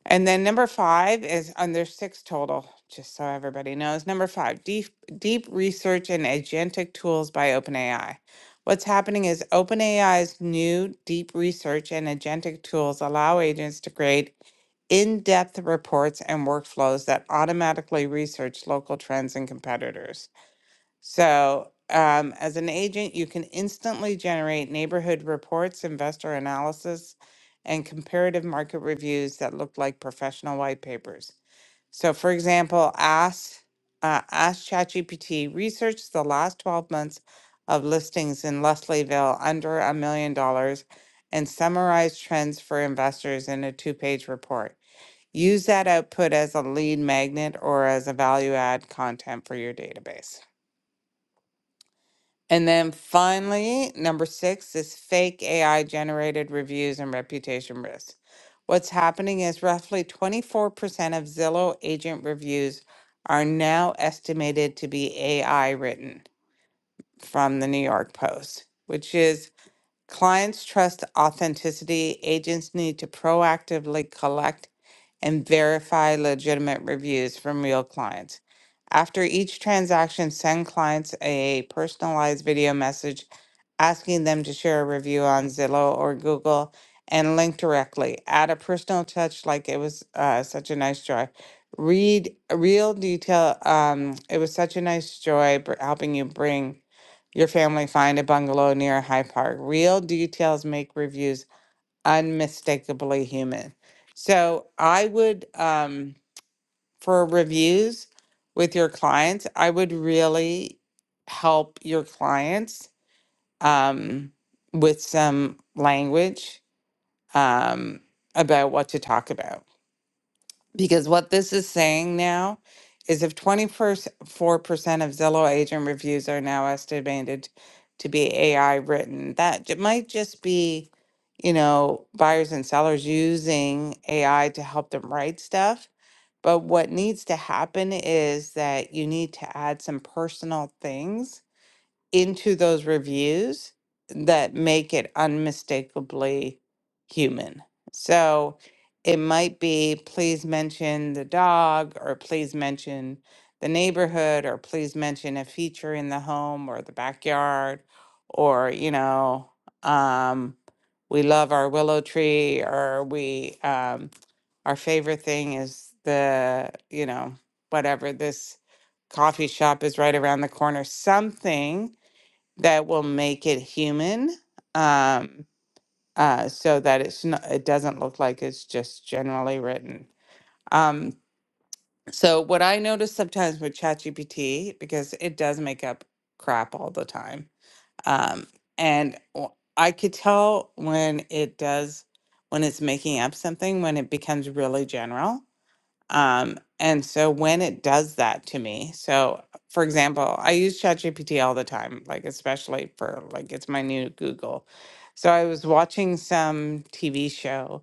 [SPEAKER 2] And then number five is under six total, just so everybody knows. Number five, deep deep research and agentic tools by OpenAI. What's happening is OpenAI's new deep research and agentic tools allow agents to create in-depth reports and workflows that automatically research local trends and competitors. So, um, as an agent, you can instantly generate neighborhood reports, investor analysis, and comparative market reviews that look like professional white papers. So, for example, ask uh, ask ChatGPT research the last 12 months of listings in Leslieville under a million dollars and summarize trends for investors in a two-page report. Use that output as a lead magnet or as a value add content for your database. And then finally, number six is fake AI generated reviews and reputation risk. What's happening is roughly 24% of Zillow agent reviews are now estimated to be AI written from the New York Post, which is clients trust authenticity. Agents need to proactively collect and verify legitimate reviews from real clients. After each transaction, send clients a personalized video message asking them to share a review on Zillow or Google and link directly. Add a personal touch like it was uh, such a nice joy. Read real detail. Um, it was such a nice joy br- helping you bring your family find a bungalow near High Park. Real details make reviews unmistakably human. So I would, um, for reviews with your clients, I would really help your clients um, with some language um, about what to talk about. Because what this is saying now is if 24% of Zillow agent reviews are now estimated to be AI written, that it might just be, you know, buyers and sellers using AI to help them write stuff. But what needs to happen is that you need to add some personal things into those reviews that make it unmistakably human. So it might be please mention the dog, or please mention the neighborhood, or please mention a feature in the home or the backyard, or, you know, um, we love our willow tree, or we, um, our favorite thing is the, you know, whatever this coffee shop is right around the corner, something that will make it human um, uh, so that it's not, it doesn't look like it's just generally written. Um, so what I notice sometimes with ChatGPT, because it does make up crap all the time, um, and w- I could tell when it does, when it's making up something, when it becomes really general um, and so when it does that to me, so for example, I use ChatGPT all the time, like especially for like it's my new Google. So I was watching some TV show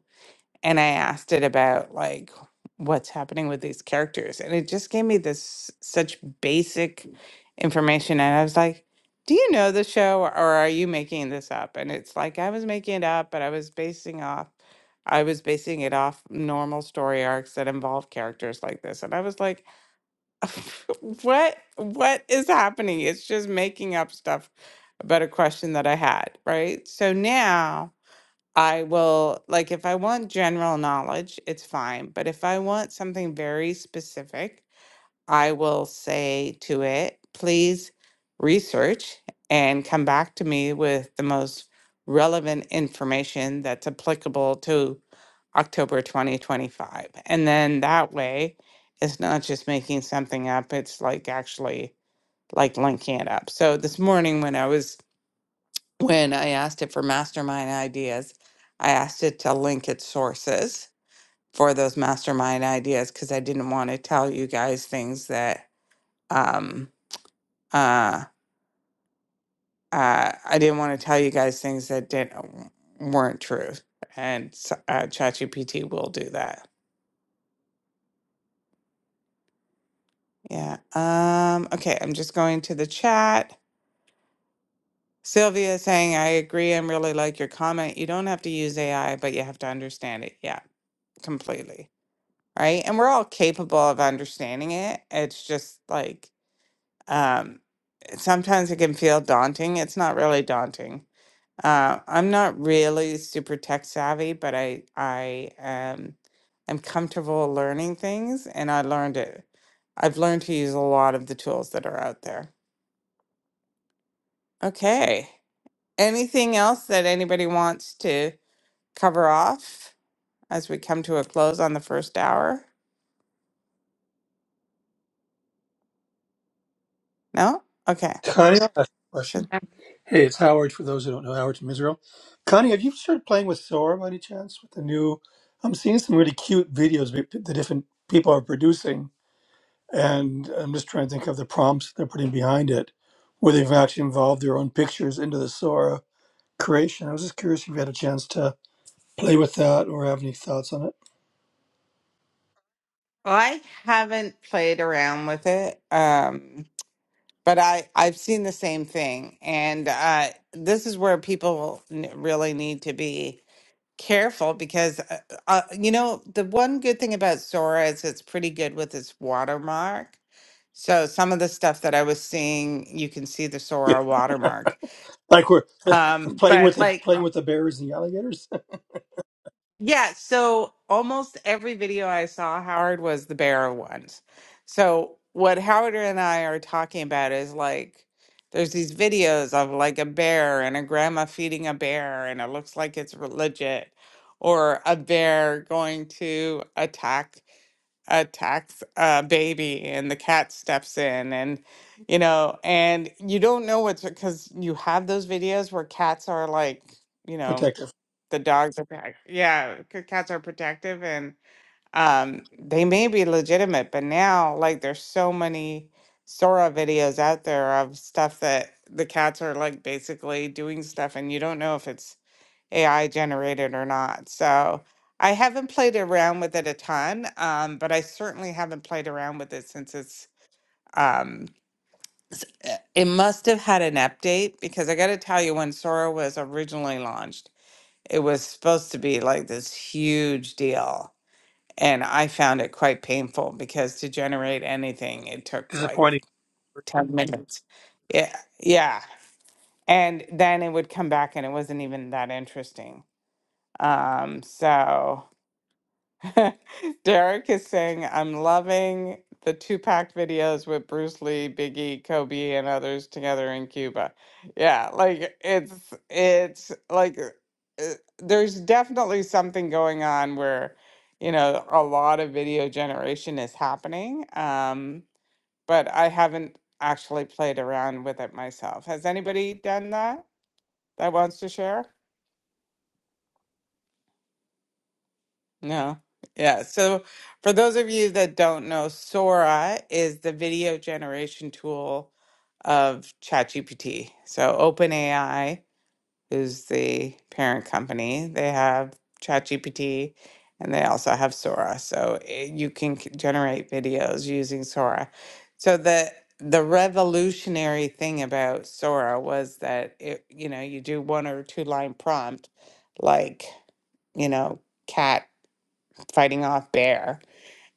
[SPEAKER 2] and I asked it about like what's happening with these characters, and it just gave me this such basic information, and I was like, "Do you know the show, or are you making this up?" And it's like I was making it up, but I was basing off, I was basing it off normal story arcs that involve characters like this, and I was like, [LAUGHS] "What? What is happening? It's just making up stuff." About a question that I had, right? So now I will, like, if I want general knowledge, it's fine. But if I want something very specific, I will say to it, please research and come back to me with the most relevant information that's applicable to October 2025. And then that way, it's not just making something up, it's like actually like linking it up. So this morning when I was when I asked it for mastermind ideas, I asked it to link its sources for those mastermind ideas because I didn't want to tell you guys things that um uh, uh I didn't want to tell you guys things that didn't weren't true. And s- uh, ChatGPT will do that. Yeah. Um. Okay. I'm just going to the chat. Sylvia is saying I agree and really like your comment. You don't have to use AI, but you have to understand it. Yeah, completely. right? And we're all capable of understanding it. It's just like um, sometimes it can feel daunting. It's not really daunting. Uh, I'm not really super tech savvy, but I I um, am comfortable learning things, and I learned it. I've learned to use a lot of the tools that are out there. Okay. Anything else that anybody wants to cover off as we come to a close on the first hour? No? Okay.
[SPEAKER 1] Connie, I have a
[SPEAKER 2] So.
[SPEAKER 1] question. Hey, it's Howard. For those who don't know, Howard from Israel. Connie, have you started playing with Sora by any chance? With the new, I'm seeing some really cute videos that the different people are producing, and I'm just trying to think of the prompts they're putting behind it, where they've actually involved their own pictures into the Sora creation. I was just curious if you had a chance to play with that or have any thoughts on it.
[SPEAKER 2] I haven't played around with it, um, but I I've seen the same thing, and uh, this is where people n- really need to be careful because uh, uh, you know the one good thing about Zora is it's pretty good with its watermark. So some of the stuff that I was seeing, you can see the
[SPEAKER 1] Yeah.
[SPEAKER 2] Sora
[SPEAKER 1] [LAUGHS]
[SPEAKER 2] watermark.
[SPEAKER 1] like we're [LAUGHS]
[SPEAKER 2] Um,
[SPEAKER 1] playing
[SPEAKER 2] but
[SPEAKER 1] with the
[SPEAKER 2] like
[SPEAKER 1] playing with the bears and the alligators.
[SPEAKER 2] Yeah, so almost every video I saw, Howard was the bearer of ones. So what Howard and I are talking about is like there's these videos of like a bear and a grandma feeding a bear and it looks like it's re- legit, or a bear going to attack attacks a baby and the cat steps in and you know and you don't know what's because you have those videos where cats are like you
[SPEAKER 1] [LAUGHS]
[SPEAKER 2] know
[SPEAKER 1] Protective.
[SPEAKER 2] the dogs are back. Yeah, c- cats are protective and um they may be legitimate, but now like there's so many Sora videos out there of stuff that the cats are like basically doing stuff and you don't know if it's AI generated or not. So I haven't played around with it a ton, um, but I certainly haven't played around with it since it's um s- uh, it must have had an update because I got to tell you when Sora was originally launched it was supposed to be like this huge deal. And I found it quite painful because to generate anything, it took like
[SPEAKER 1] Disappointing.
[SPEAKER 2] 10 minutes. Yeah. Yeah. And then it would come back and it wasn't even that interesting. Um, so. [LAUGHS] Derek is saying, I'm loving the Tupac videos with Bruce Lee, Biggie, Kobe, and others together in Cuba. Yeah, like it's it's like uh, there's definitely something going on where you know a lot of video generation is happening. Um, but I haven't actually played around with it myself. Has anybody done that that wants to share? No. Yeah. So for those of you that don't know, Sora is the video generation tool of ChatGPT. So OpenAI, who's the parent company, they have ChatGPT and they also have Sora. So it, you can c- generate videos using Sora. So the the revolutionary thing about Sora was that it, you know, you do one or two line prompt like, you know, cat fighting off bear,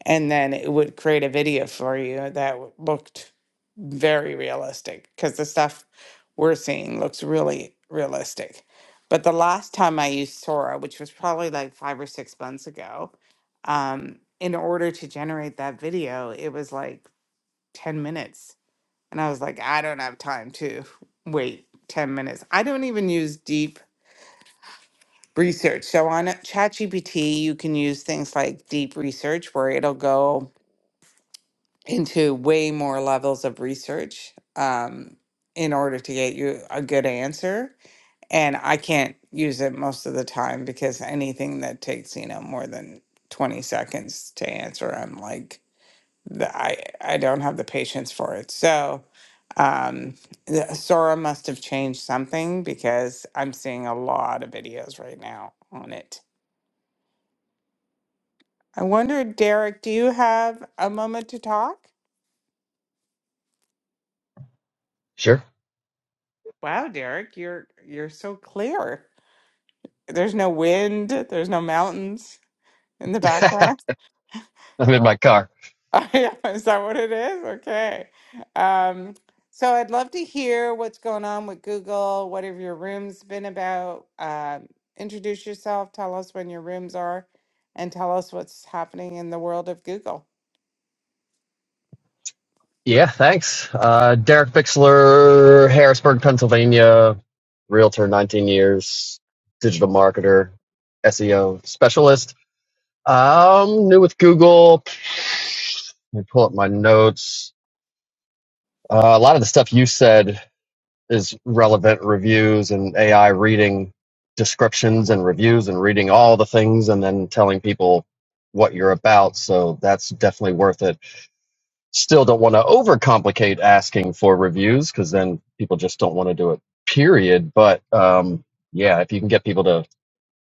[SPEAKER 2] and then it would create a video for you that w- looked very realistic because the stuff we're seeing looks really realistic. But the last time I used Sora, which was probably like five or six months ago, um, in order to generate that video, it was like 10 minutes. And I was like, I don't have time to [LAUGHS] wait 10 minutes. I don't even use deep research. So on ChatGPT, you can use things like deep research, where it'll go into way more levels of research um, in order to get you a good answer. And I can't use it most of the time because anything that takes you know more than twenty seconds to answer, I'm like, the- I I don't have the patience for it. So. Um, the- Sora must have changed something because I'm seeing a lot of videos right now on it. I wonder, Derek, do you have a moment to talk?
[SPEAKER 8] Sure.
[SPEAKER 2] Wow, Derek, you're you're so clear. There's no wind, there's no mountains in the
[SPEAKER 8] [LAUGHS] I'm
[SPEAKER 2] background. [LAUGHS]
[SPEAKER 8] in my car.
[SPEAKER 2] Oh, yeah, is that what it is? Okay. Um, so I'd love to hear what's going on with Google. What have your rooms been about? Um, introduce yourself. Tell us when your rooms are, and tell us what's happening in the world of Google.
[SPEAKER 8] Yeah, thanks. Uh, Derek Bixler, Harrisburg, Pennsylvania, realtor, 19 years, digital marketer, SEO specialist. Um, new with Google. Let me pull up my notes. Uh, a lot of the stuff you said is relevant reviews and AI reading descriptions and reviews and reading all the things and then telling people what you're about. So that's definitely worth it Still don't want to overcomplicate asking for reviews because then people just don't want to do it, period. But um, yeah, if you can get people to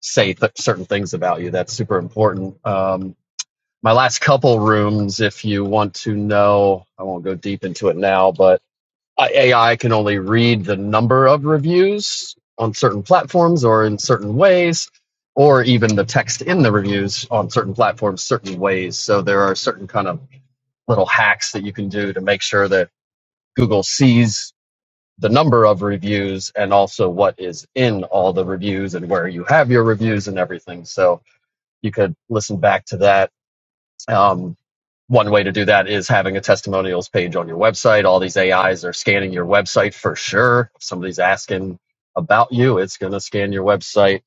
[SPEAKER 8] say th- certain things about you, that's super important. Um, my last couple rooms, if you want to know, I won't go deep into it now, but uh, AI can only read the number of reviews on certain platforms or in certain ways, or even the text in the reviews on certain platforms, certain ways. So there are certain kind of little hacks that you can do to make sure that Google sees the number of reviews and also what is in all the reviews and where you have your reviews and everything. So you could listen back to that. Um, one way to do that is having a testimonials page on your website. All these AIs are scanning your website for sure. If somebody's asking about you, it's going to scan your website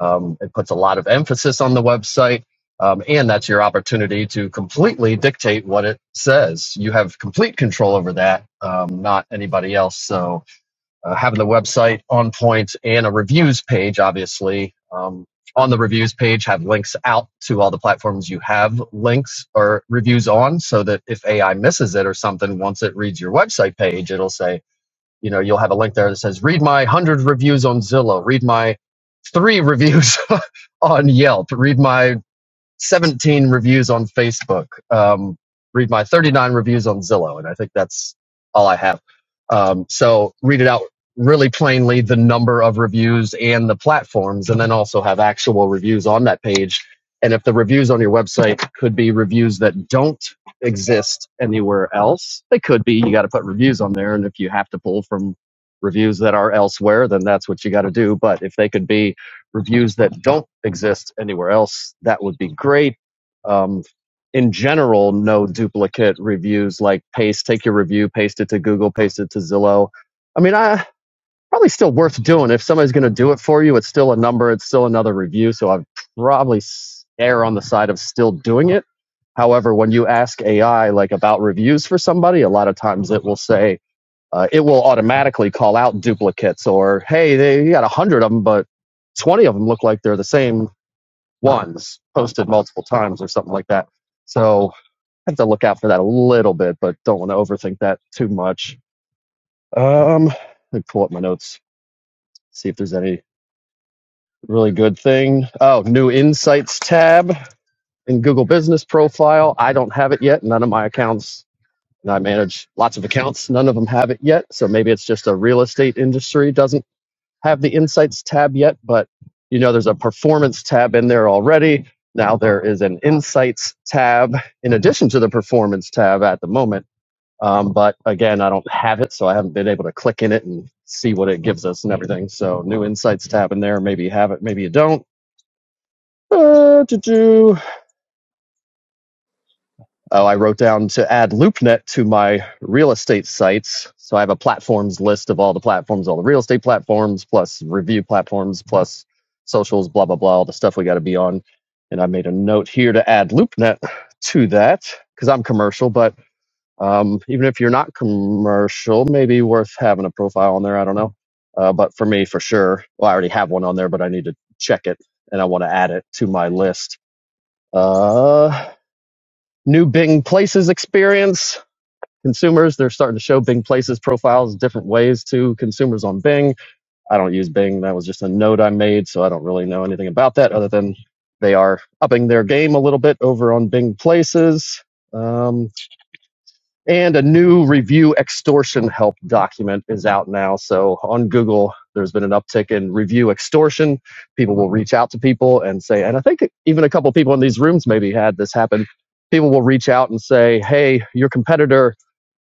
[SPEAKER 8] um, it puts a lot of emphasis on the website, um, and that's your opportunity to completely dictate what it says. You have complete control over that, um, not anybody else. So uh, having the website on point and a reviews page, obviously. Um, on the reviews page, have links out to all the platforms you have links or reviews on so that if AI misses it or something, once it reads your website page, it'll say, you know, you'll have a link there that says, read my 100 reviews on Zillow, read my three reviews [LAUGHS] on Yelp, read my 17 reviews on Facebook. Um, read my 39 reviews on Zillow, and I think that's all I have. Um, so read it out really plainly the number of reviews and the platforms, and then also have actual reviews on that page. And if the reviews on your website could be reviews that don't exist anywhere else, they could be. You got to put reviews on there, and if you have to pull from reviews that are elsewhere, then that's what you got to do. But if they could be reviews that don't exist anywhere else, that would be great. Um, in general, no duplicate reviews like paste, take your review, paste it to Google, paste it to Zillow. I mean, I probably still worth doing. If somebody's going to do it for you, it's still a number, it's still another review. So I'd probably err on the side of still doing it. However, when you ask AI like about reviews for somebody, a lot of times it will say, uh, it will automatically call out duplicates or hey they you got a hundred of them but 20 of them look like they're the same ones posted multiple times or something like that so i have to look out for that a little bit but don't want to overthink that too much um let me pull up my notes see if there's any really good thing oh new insights tab in google business profile i don't have it yet none of my accounts and i manage lots of accounts none of them have it yet so maybe it's just a real estate industry doesn't have the insights tab yet, but you know there's a performance tab in there already. Now there is an insights tab in addition to the performance tab at the moment. Um, but again, I don't have it, so I haven't been able to click in it and see what it gives us and everything. So new insights tab in there. Maybe you have it, maybe you don't. Uh, Oh, I wrote down to add LoopNet to my real estate sites. So I have a platforms list of all the platforms, all the real estate platforms, plus review platforms, plus socials, blah, blah, blah, all the stuff we got to be on. And I made a note here to add LoopNet to that because I'm commercial. But um, even if you're not commercial, maybe worth having a profile on there. I don't know. Uh, but for me, for sure, well, I already have one on there, but I need to check it and I want to add it to my list. Uh, new Bing Places experience. Consumers, they're starting to show Bing Places profiles different ways to consumers on Bing. I don't use Bing. That was just a note I made, so I don't really know anything about that other than they are upping their game a little bit over on Bing Places. Um, and a new review extortion help document is out now. So on Google, there's been an uptick in review extortion. People will reach out to people and say, and I think even a couple of people in these rooms maybe had this happen. People will reach out and say, hey, your competitor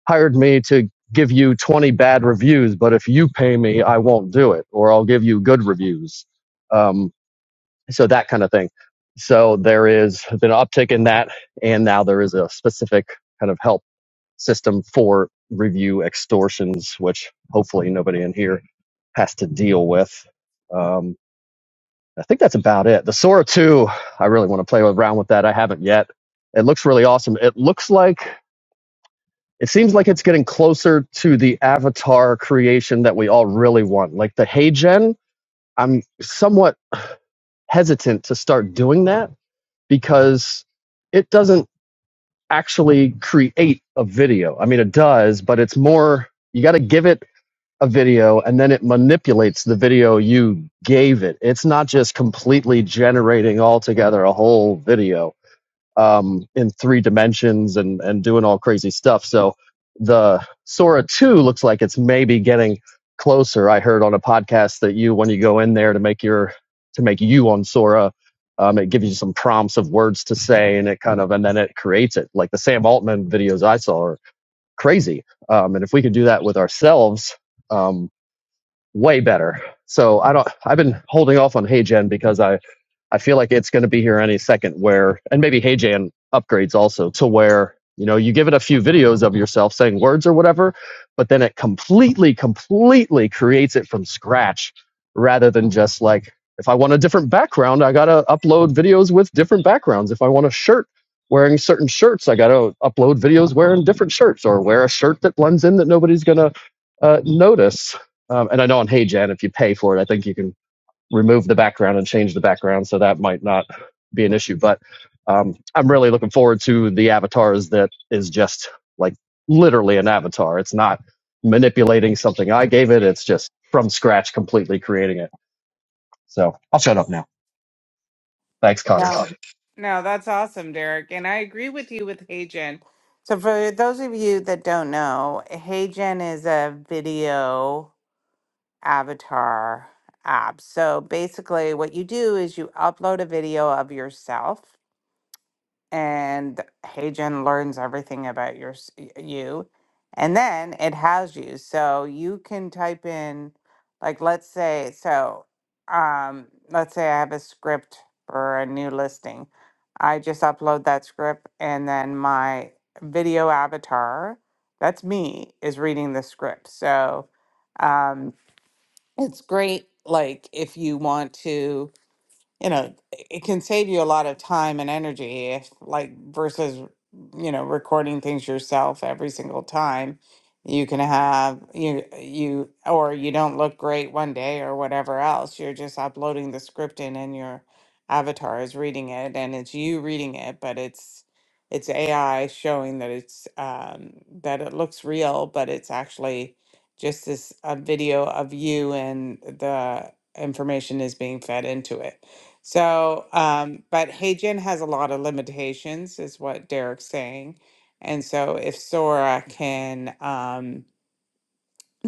[SPEAKER 8] hired me to give you 20 bad reviews, but if you pay me, I won't do it, or I'll give you good reviews. Um, so that kind of thing. So there is been an uptick in that, and now there is a specific kind of help system for review extortions, which hopefully nobody in here has to deal with. Um, I think that's about it. The Sora 2, I really want to play around with that. I haven't yet. It looks really awesome. It looks like, it seems like it's getting closer to the avatar creation that we all really want. Like the Hey Gen, I'm somewhat hesitant to start doing that because it doesn't actually create a video. I mean, it does, but it's more, you got to give it a video and then it manipulates the video you gave it. It's not just completely generating altogether a whole video um, in three dimensions and, and doing all crazy stuff. So the Sora 2 looks like it's maybe getting closer. I heard on a podcast that you, when you go in there to make your, to make you on Sora, um, it gives you some prompts of words to say and it kind of, and then it creates it. Like the Sam Altman videos I saw are crazy. Um, and if we could do that with ourselves, um, way better. So I don't. I've been holding off on Hey Gen because I I feel like it's going to be here any second where, and maybe HeyJan upgrades also to where, you know, you give it a few videos of yourself saying words or whatever, but then it completely, completely creates it from scratch rather than just like, if I want a different background, I got to upload videos with different backgrounds. If I want a shirt wearing certain shirts, I got to upload videos wearing different shirts or wear a shirt that blends in that nobody's going to uh, notice. Um, and I know on HeyJan, if you pay for it, I think you can remove the background and change the background, so that might not be an issue. But um, I'm really looking forward to the avatars that is just like literally an avatar. It's not manipulating something I gave it. It's just from scratch, completely creating it. So I'll shut up now. Thanks, Connie.
[SPEAKER 2] No, no, that's awesome, Derek. And I agree with you with HeyGen. So, for those of you that don't know, HeyGen is a video avatar app. So, basically, what you do is you upload a video of yourself and Heijen learns everything about your s- y- you, and then it has you. So you can type in, like, let's say, so, um, let's say I have a script for a new listing. I just upload that script, and then my video avatar, that's me, is reading the script. So, um, it's great. Like, if you want to you know, it can save you a lot of time and energy if, like, versus, you know, recording things yourself every single time. You can have you you or you don't look great one day or whatever else. You're just uploading the script in and your avatar is reading it and it's you reading it, but it's it's AI showing that it's um, that it looks real, but it's actually just this a video of you and the information is being fed into it. So, um, but Heijin has a lot of limitations, is what Derek's saying. And so, if Sora can um,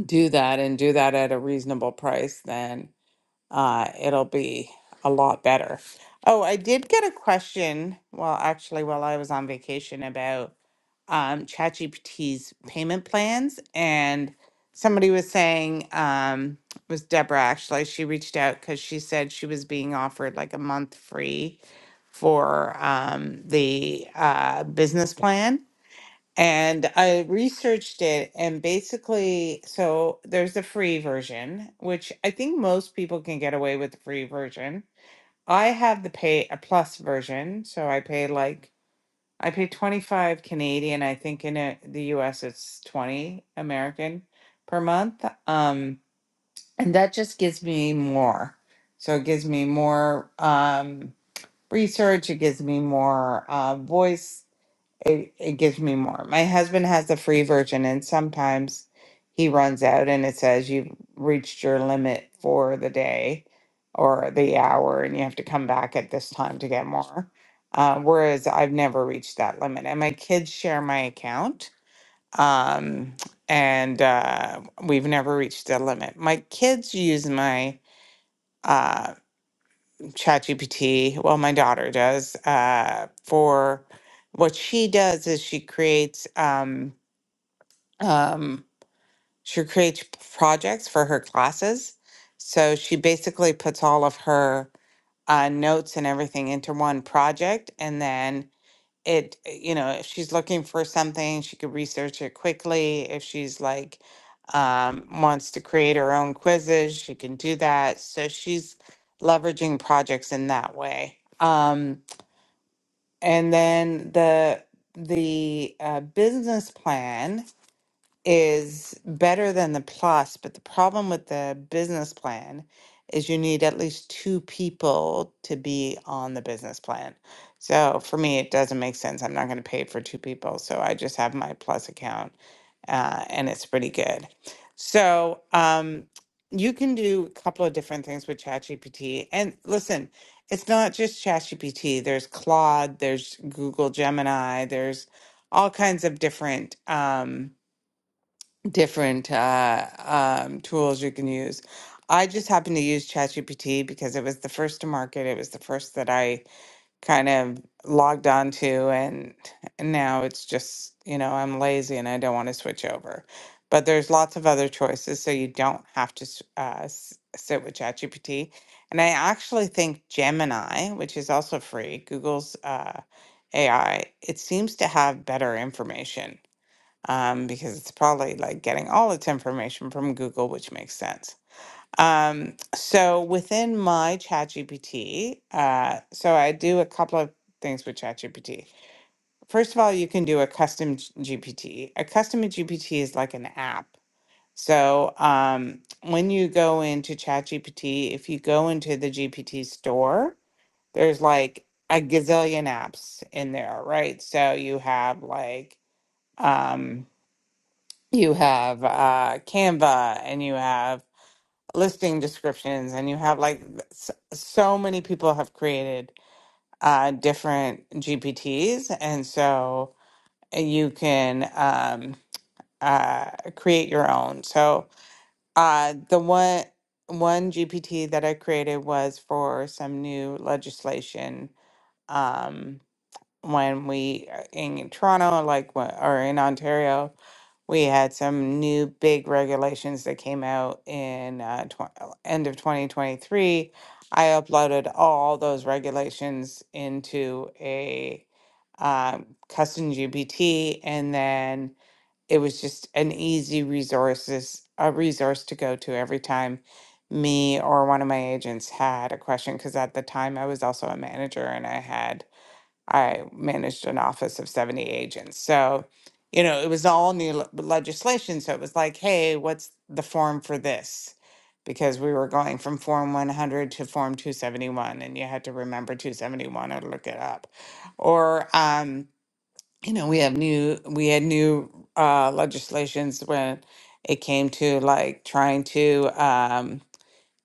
[SPEAKER 2] do that and do that at a reasonable price, then uh, it'll be a lot better. Oh, I did get a question. Well, actually, while I was on vacation, about um, ChatGPT's payment plans, and somebody was saying um, it was Deborah. Actually, she reached out because she said she was being offered like a month free for um, the uh, business plan, and I researched it, and basically, so there's the free version, which I think most people can get away with the free version. I have the pay a plus version, so I pay like I pay 25 Canadian, I think in uh the US it's 20 American per month. Um, and that just gives me more. So it gives me more um research, it gives me more uh voice it it gives me more. My husband has the free version, and sometimes he runs out and it says you've reached your limit for the day or the hour, and you have to come back at this time to get more. Uh, whereas I've never reached that limit, and my kids share my account, um, and uh, we've never reached the limit. My kids use my uh, ChatGPT. Well, my daughter does. Uh, for what she does is she creates um, um, she creates projects for her classes. So she basically puts all of her uh, notes and everything into one project, and then it eh, you know if she's looking for something she could research it quickly if she's like um, wants to create her own quizzes she can do that so she's leveraging projects in that way um, and then the the uh, business plan is better than the plus, but the problem with the business plan is you need at least two people to be on the business plan. So for me, it doesn't make sense. I'm not going to pay for two people. So I just have my plus account uh, and it's pretty good. So um, you can do a couple of different things with ChatGPT. And listen, it's not just ChatGPT, there's Claude, there's Google Gemini, there's all kinds of different. Um, different uh, um, tools you can use. I just happened to use ChatGPT because it was the first to market. It was the first that I kind of logged on to, and now it's just, you know, I'm lazy and I don't want to switch over. But there's lots of other choices, so you don't have to s- uh, s- sit with ChatGPT. And I actually think Gemini, which is also free, Google's uh, AI, it seems to have better information um, because it's probably like getting all its information from Google, which makes sense. Um, so within my ChatGPT, uh, so I do a couple of things with ChatGPT. First of all, you can do a custom G- GPT. A custom GPT is like an app. So um, when you go into ChatGPT, if you go into the GPT store, there's like a gazillion apps in there, right? So you have like, um, you have uh, Canva and you have listing descriptions and you have like s- so many people have created uh, different GPTs and so uh, you can um, uh, create your own. So uh, the one one GPT that I created was for some new legislation um, when we uh, in Toronto, like when- or in Ontario we had some new big regulations that came out in uh, tw- end of 2023. I uploaded all those regulations into a um, custom GPT, and then it was just an easy resources a resource to go to every time me or one of my agents had a question. Because at the time, I was also a manager, and I had I managed an office of 70 agents. So, you know, it was all new le- legislation. So it was like, hey, what's the form for this? Because we were going from Form 100 to Form 271, and you had to remember 271 and look it up. Or, um, you know, we have new, we had new uh, legislations when it came to like trying to, um,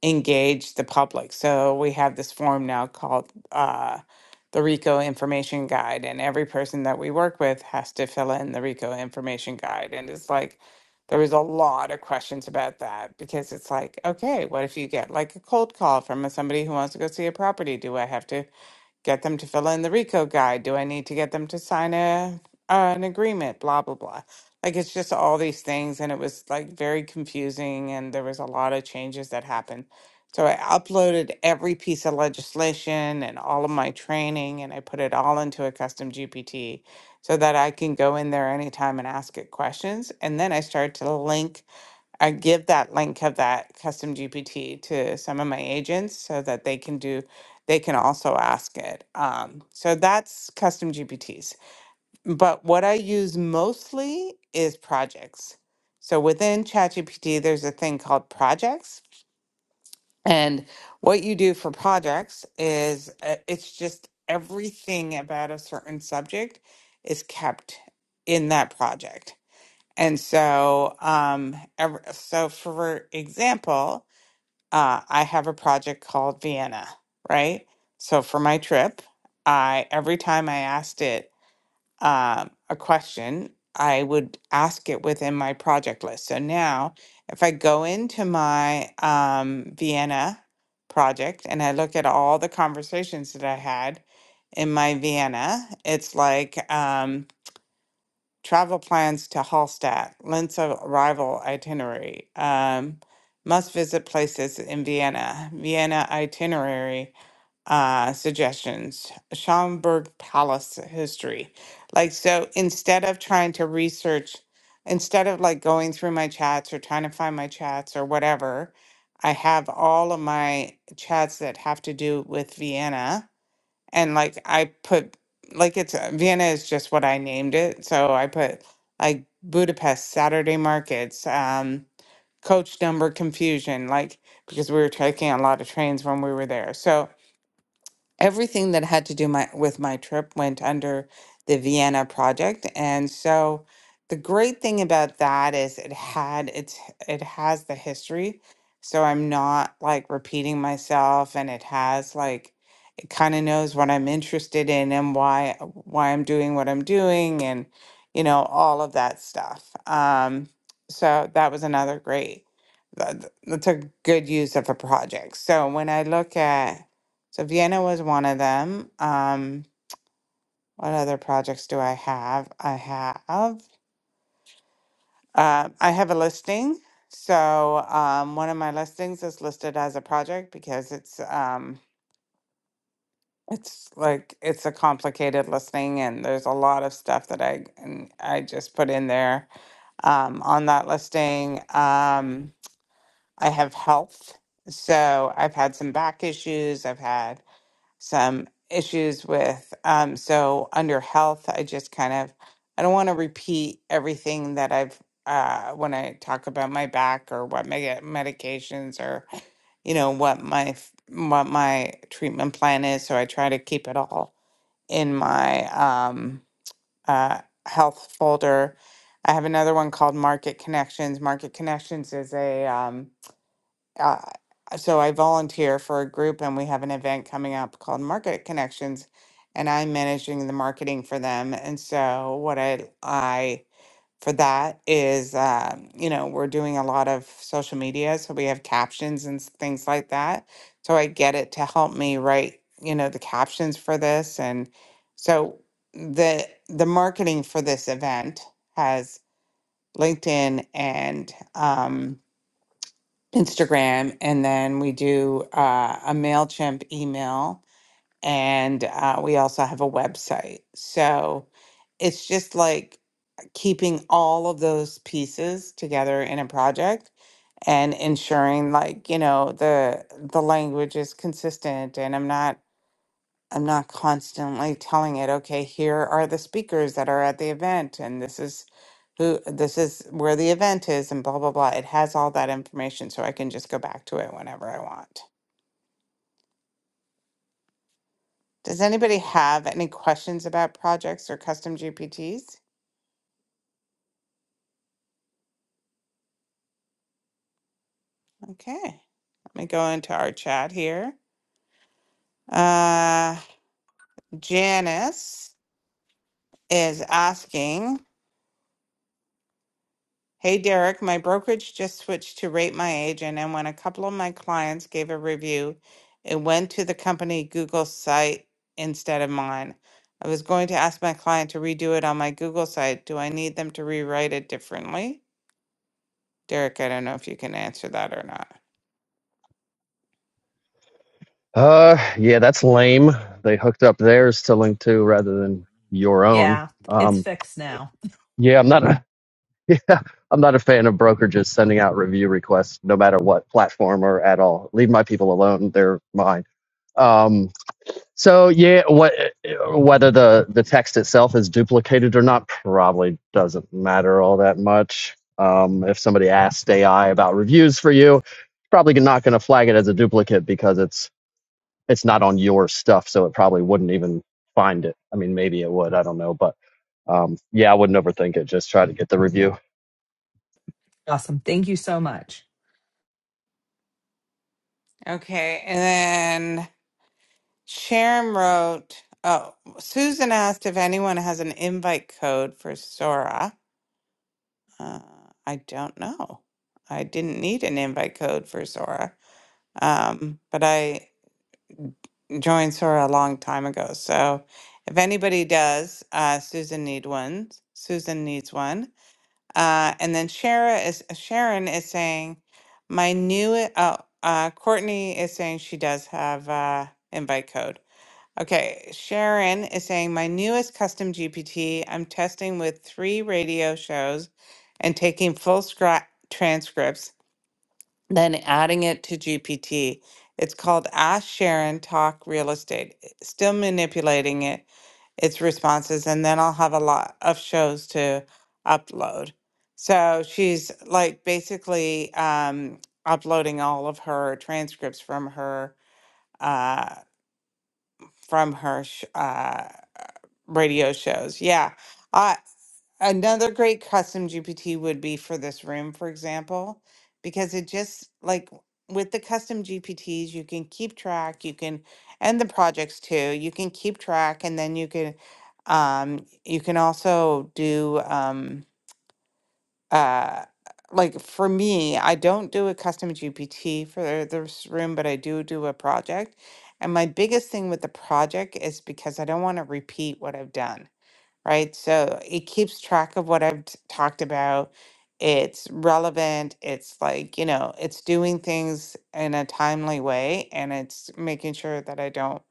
[SPEAKER 2] engage the public. So we have this form now called uh, the RICO Information Guide, and every person that we work with has to fill in the RICO Information Guide. And it's like, there was a lot of questions about that because it's like, okay, what if you get like a cold call from a- somebody who wants to go see a property? Do I have to get them to fill in the RICO guide? Do I need to get them to sign a uh, an agreement? Blah blah blah. Like it's just all these things, and it was like very confusing, and there was a lot of changes that happened. So I uploaded every piece of legislation and all of my training, and I put it all into a custom GPT so that I can go in there anytime and ask it questions. And then I started to link I give that link of that custom GPT to some of my agents so that they can do, they can also ask it. Um, so that's custom GPTs. But what I use mostly is projects. So within ChatGPT, there's a thing called projects. And what you do for projects is uh, it's just everything about a certain subject is kept in that project. And so, um, ev- so for example, uh, I have a project called Vienna, right? So for my trip, I every time I asked it um, a question, I would ask it within my project list. So now, if I go into my um, Vienna project and I look at all the conversations that I had in my Vienna, it's like. Um, travel plans to Hallstatt, Linz arrival itinerary, um, must visit places in Vienna, Vienna itinerary uh, suggestions, Schomburg Palace history. Like, so instead of trying to research, instead of like going through my chats or trying to find my chats or whatever, I have all of my chats that have to do with Vienna and like I put like it's uh, Vienna is just what I named it. So I put like Budapest Saturday markets, um, coach number confusion, like because we were taking a lot of trains when we were there. So everything that had to do my with my trip went under the Vienna project, and so the great thing about that is it had it's it has the history. So I'm not like repeating myself, and it has like kind of knows what I'm interested in and why why I'm doing what I'm doing and you know all of that stuff. Um, so that was another great. tha- th- That's a good use of a project. So when I look at so Vienna was one of them. Um, what other projects do I have? I have uh, I have a listing. So um, one of my listings is listed as a project because it's um, It's like it's a complicated listing, and there's a lot of stuff that I and I just put in there um, on that listing. Um, I have health, so I've had some back issues. I've had some issues with um, so under health, I just kind of I don't want to repeat everything that I've uh, when I talk about my back or what my uh, medications or you know what my f- what my treatment plan is. So I try to keep it all in my um, uh, health folder. I have another one called Market Connections. Market Connections is a um, uh, so I volunteer for a group, and we have an event coming up called Market Connections, and I'm managing the marketing for them. And so what I I for that is, um, you know, we're doing a lot of social media, so we have captions and s- things like that. So I get it to help me write, you know, the captions for this, and so the the marketing for this event has LinkedIn and um, Instagram, and then we do uh, a Mailchimp email, and uh, we also have a website. So it's just like keeping all of those pieces together in a project and ensuring like you know the the language is consistent and i'm not i'm not constantly telling it okay here are the speakers that are at the event and this is who this is where the event is and blah blah blah it has all that information so i can just go back to it whenever i want does anybody have any questions about projects or custom gpts okay let me go into our chat here uh Janice is asking, Hey Derek, my brokerage just switched to rate my agent, and when a couple of my clients gave a review, it went to the company Google site instead of mine. I was going to ask my client to redo it on my Google site. Do I need them to rewrite it differently? Derek, I don't know if you can answer that or not.
[SPEAKER 8] Uh, yeah, that's lame. They hooked up theirs to link to rather than your own.
[SPEAKER 9] Yeah, it's
[SPEAKER 8] Um,
[SPEAKER 9] fixed now.
[SPEAKER 8] yeah, I'm not. A, [LAUGHS] I'm not a fan of brokerages sending out review requests, no matter what platform or at all. Leave my people alone. They're mine. Um, so yeah, what whether the the text itself is duplicated or not probably doesn't matter all that much. Um, if somebody asked AI about reviews for you, it's probably not going to flag it as a duplicate because it's it's not on your stuff, so it probably wouldn't even find it. I mean, maybe it would, I don't know, but um, yeah, I wouldn't overthink it. Just try to get the review.
[SPEAKER 9] Awesome. Thank you so much.
[SPEAKER 2] Okay, and then Sharon wrote, oh, Susan asked if anyone has an invite code for Sora. Uh, I don't know. I didn't need an invite code for Sora, um, but I joined Sora a long time ago. So if anybody does, uh, Susan need one. Susan needs one. Uh, and then Shara is Sharon is saying, my new uh, uh, Courtney is saying she does have uh, invite code. Okay, Sharon is saying my newest custom GPT, I'm testing with three radio shows and taking full scra- transcripts, then adding it to GPT. It's called Ask Sharon Talk Real Estate. Still manipulating it, its responses, and then I'll have a lot of shows to upload. So she's like basically um, uploading all of her transcripts from her uh, from her sh- uh, radio shows. Yeah. I another great custom GPT would be for this room, for example, because it just like with the custom GPTs, you can keep track, you can and the projects too, you can keep track and then you can um you can also do um uh like for me, I don't do a custom GPT for this room, but I do do a project. And my biggest thing with the project is because I don't want to repeat what I've done right? So it keeps track of what I've t- talked about. It's relevant. It's like, you know, it's doing things in a timely way and it's making sure that I don't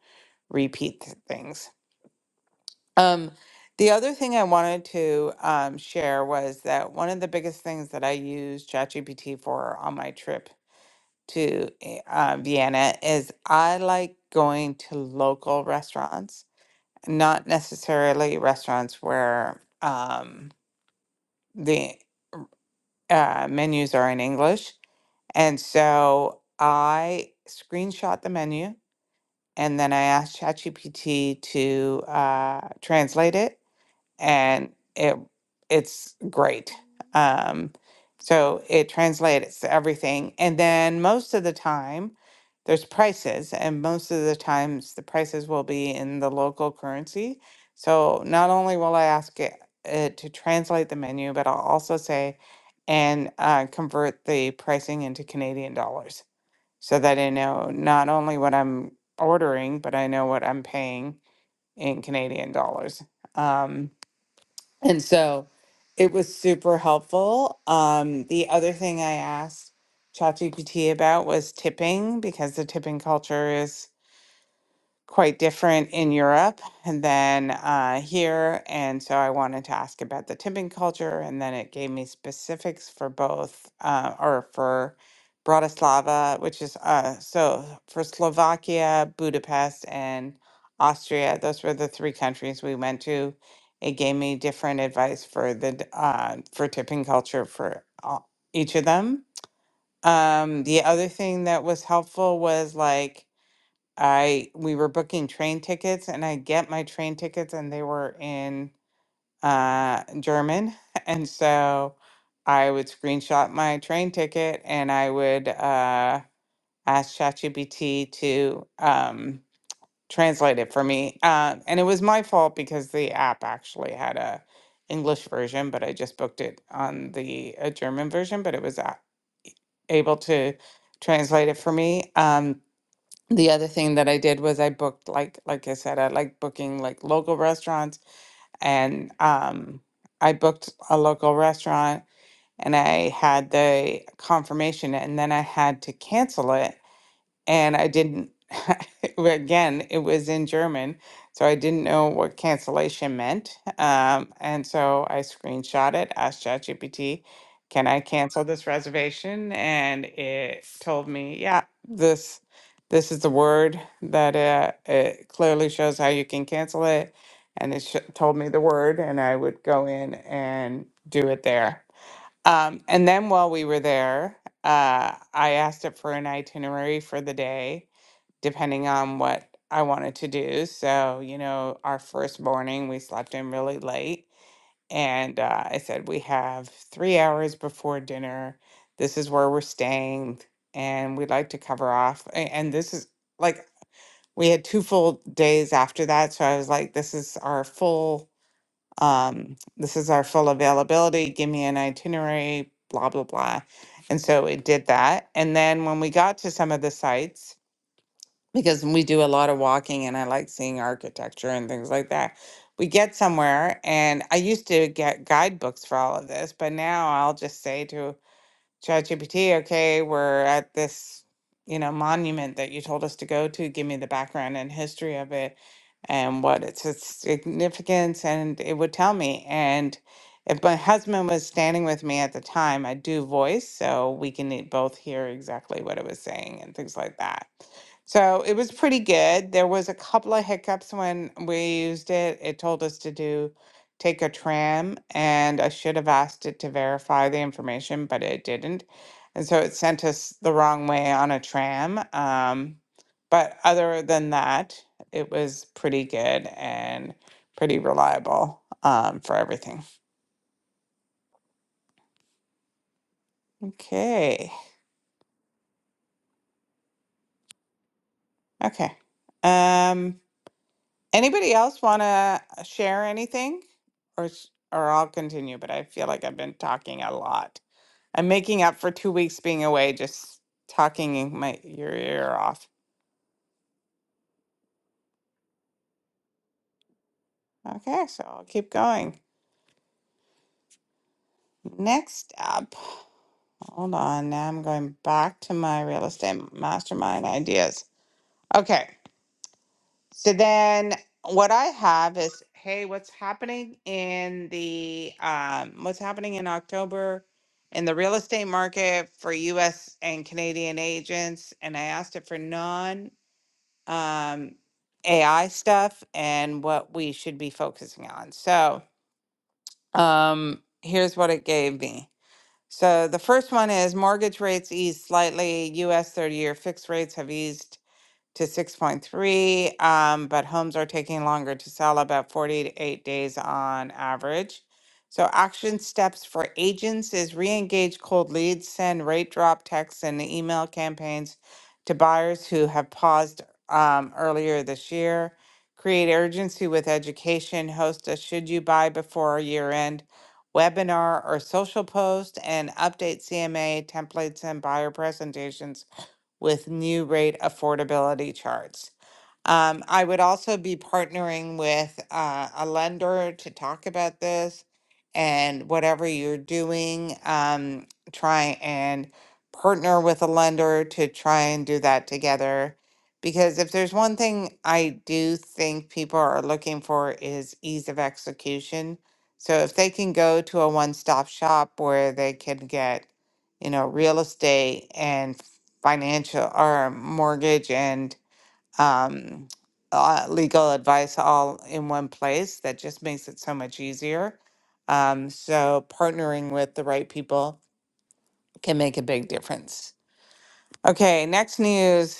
[SPEAKER 2] repeat th- things. Um, the other thing I wanted to um, share was that one of the biggest things that I use ChatGPT for on my trip to eh, uh, Vienna is I like going to local restaurants, not necessarily restaurants where. Um, the uh, menus are in English. And so I screenshot the menu and then I asked ChatGPT to uh, translate it and it it's great. Um, so it translates to everything, and then most of the time there's prices, and most of the times the prices will be in the local currency. So not only will I ask it, it to translate the menu, but I'll also say and uh, convert the pricing into Canadian dollars so that I know not only what I'm ordering, but I know what I'm paying in Canadian dollars. Um, and so it was super helpful. Um, the other thing I asked ChatGPT about was tipping because the tipping culture is quite different in Europe than uh, here. And so I wanted to ask about the tipping culture, and then it gave me specifics for both, uh, or for Bratislava, which is uh, so for Slovakia, Budapest, and Austria. Those were the three countries we went to. It gave me different advice for the d- uh, for tipping culture for all, each of them. Um, the other thing that was helpful was like I we were booking train tickets and I get my train tickets and they were in uh German [LAUGHS] and so I would screenshot my train ticket and I would uh ask ChatGPT to um translate it for me. Uh, and it was my fault because the app actually had a English version, but I just booked it on the a German version, but it was a- able to translate it for me. Um the other thing that I did was I booked like like I said, I like booking like local restaurants and um I booked a local restaurant and I had the confirmation and then I had to cancel it and I didn't, [LAUGHS] again, it was in German, so I didn't know what cancellation meant. Um, and so I screenshot it, asked ChatGPT, can I cancel this reservation? And it told me, yeah, this this is the word that uh, it clearly shows how you can cancel it. And it sh- told me the word, and I would go in and do it there. Um, and then while we were there, uh, I asked it for an itinerary for the day, depending on what I wanted to do. So, you know, our first morning, we slept in really late. And uh, I said, we have three hours before dinner. This is where we're staying. And we'd like to cover off. a- And this is like, we had two full days after that. So I was like, this is our full um, this is our full availability, give me an itinerary, blah, blah, blah. And so it did that. And then when we got to some of the sites, because we do a lot of walking and I like seeing architecture and things like that, we get somewhere and I used to get guidebooks for all of this, but now I'll just say to ChatGPT, okay, we're at this, you know, monument that you told us to go to. Give me the background and history of it and what its, its significance. And it would tell me. And if my husband was standing with me at the time, I do voice, so we can e- both hear exactly what it was saying and things like that. So it was pretty good. There was a couple of hiccups when we used it. It told us to do take a tram and I should have asked it to verify the information, but it didn't. And so it sent us the wrong way on a tram. Um, but other than that, it was pretty good and pretty reliable um, for everything. Okay. Okay. Um, anybody else want to share anything or s- or I'll continue, but I feel like I've been talking a lot. I'm making up for two weeks being away, just talking my your ear off. Okay, so I'll keep going. Next up, hold on. Now I'm going back to my real estate mastermind ideas. Okay, so then what I have is, hey, what's happening in the um, what's happening in October in the real estate market for U.S. and Canadian agents? And I asked it for non um, AI stuff and what we should be focusing on. So um, here's what it gave me. So the first one is mortgage rates eased slightly. US 30 year fixed rates have eased to 6.3, um, but homes are taking longer to sell, about forty to eight days on average. So action steps for agents is re-engage cold leads, send rate drop texts and email campaigns to buyers who have paused um, earlier this year. Create urgency with education, host a should you buy before year end webinar or social post, and update CMA templates and buyer presentations with new rate affordability charts. Um, I would also be partnering with uh, a lender to talk about this and whatever you're doing, um, try and partner with a lender to try and do that together. Because if there's one thing I do think people are looking for is ease of execution. So if they can go to a one-stop shop where they can get, you know, real estate and financial or mortgage and um, uh, legal advice all in one place. That just makes it so much easier. Um, so partnering with the right people can make a big difference. Okay, next news.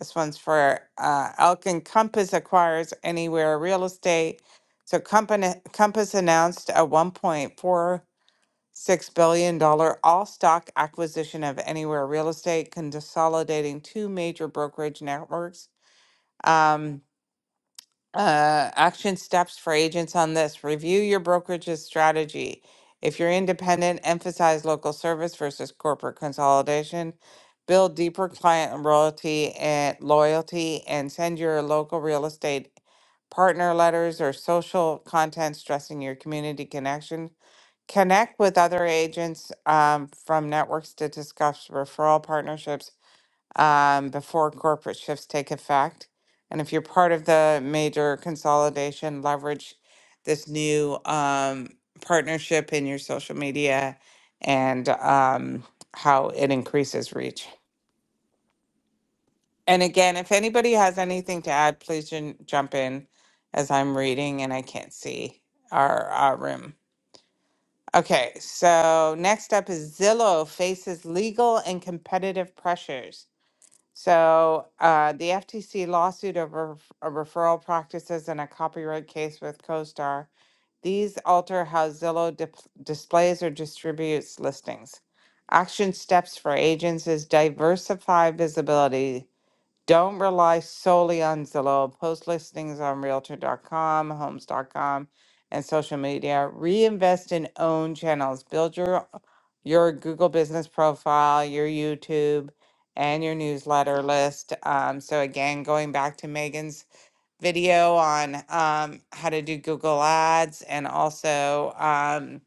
[SPEAKER 2] This one's for uh, Elkin Compass acquires Anywhere Real Estate. So company, Compass announced a $1.46 billion dollar all stock acquisition of Anywhere Real Estate, consolidating two major brokerage networks. Um, Uh, action steps for agents on this. Review your brokerage's strategy. If you're independent, emphasize local service versus corporate consolidation. Build deeper client loyalty and loyalty and send your local real estate partner letters or social content stressing your community connection. Connect with other agents um, from networks to discuss referral partnerships um, before corporate shifts take effect. And if you're part of the major consolidation, leverage this new um, partnership in your social media and um, how it increases reach. And again, if anybody has anything to add, please jun- jump in as I'm reading and I can't see our, our room. Okay, so next up is Zillow faces legal and competitive pressures. So uh, the FTC lawsuit over a referral practices in a copyright case with CoStar. These alter how Zillow dip- displays or distributes listings. Action steps for agents is diversify visibility don't rely solely on Zillow. Post listings on Realtor. dot com, Homes. dot com, and social media. Reinvest in own channels. Build your your Google business profile, your YouTube, and your newsletter list. Um, so again, going back to Megan's video on um, how to do Google Ads, and also um,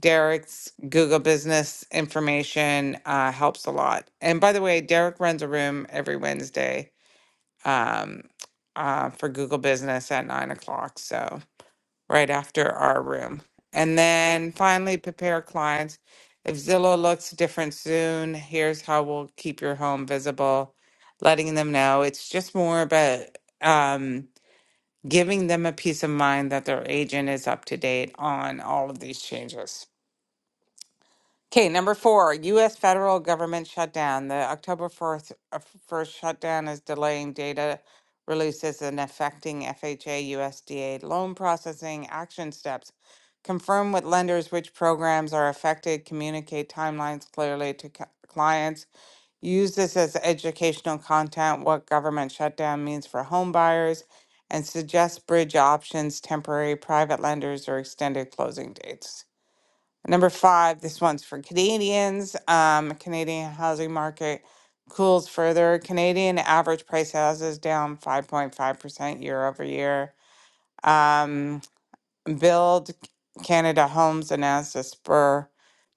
[SPEAKER 2] Derek's Google business information uh, helps a lot. And by the way, Derek runs a room every Wednesday um, uh, for Google Business at nine o'clock. So right after our room. And then finally, prepare clients. If Zillow looks different soon, here's how we'll keep your home visible, letting them know. It's just more about um, giving them a peace of mind that their agent is up to date on all of these changes. Okay, number four, U.S. federal government shutdown. The October 4th uh, first shutdown is delaying data releases and affecting FHA USDA loan processing action steps. Confirm with lenders which programs are affected, communicate timelines clearly to c- clients. Use this as educational content, what government shutdown means for home buyers, and suggest bridge options, temporary private lenders, or extended closing dates. Number five, this one's for Canadians. Um, Canadian housing market cools further. Canadian average price houses down 5.5% year over year. Um, Build Canada Homes announced a spur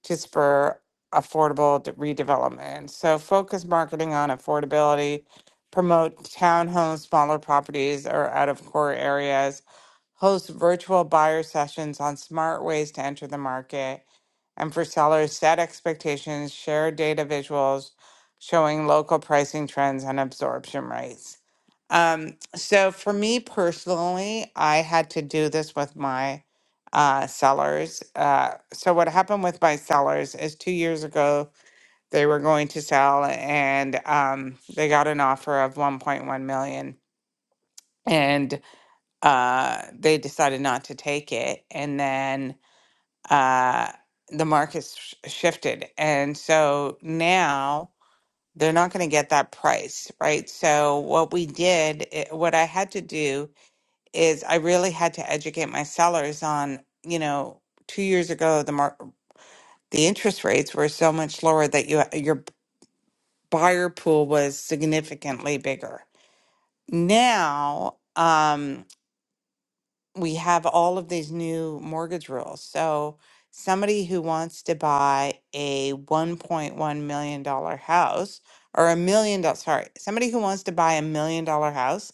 [SPEAKER 2] to spur affordable de- redevelopment. So focus marketing on affordability, promote townhomes, smaller properties, or out of core areas. Host virtual buyer sessions on smart ways to enter the market and for sellers, set expectations, share data visuals showing local pricing trends and absorption rates. Um, so for me personally, I had to do this with my uh, sellers. Uh, so what happened with my sellers is two years ago they were going to sell and um, they got an offer of 1.1 million and uh, they decided not to take it. And then uh, the market's sh- shifted. And so now they're not going to get that price, right? So what we did, i- what I had to do is I really had to educate my sellers on, you know, two years ago, the mar- the interest rates were so much lower that you, your buyer pool was significantly bigger. Now, um, we have all of these new mortgage rules. So somebody who wants to buy a $1.1 million dollar house or a million dollars, sorry, somebody who wants to buy a million dollar house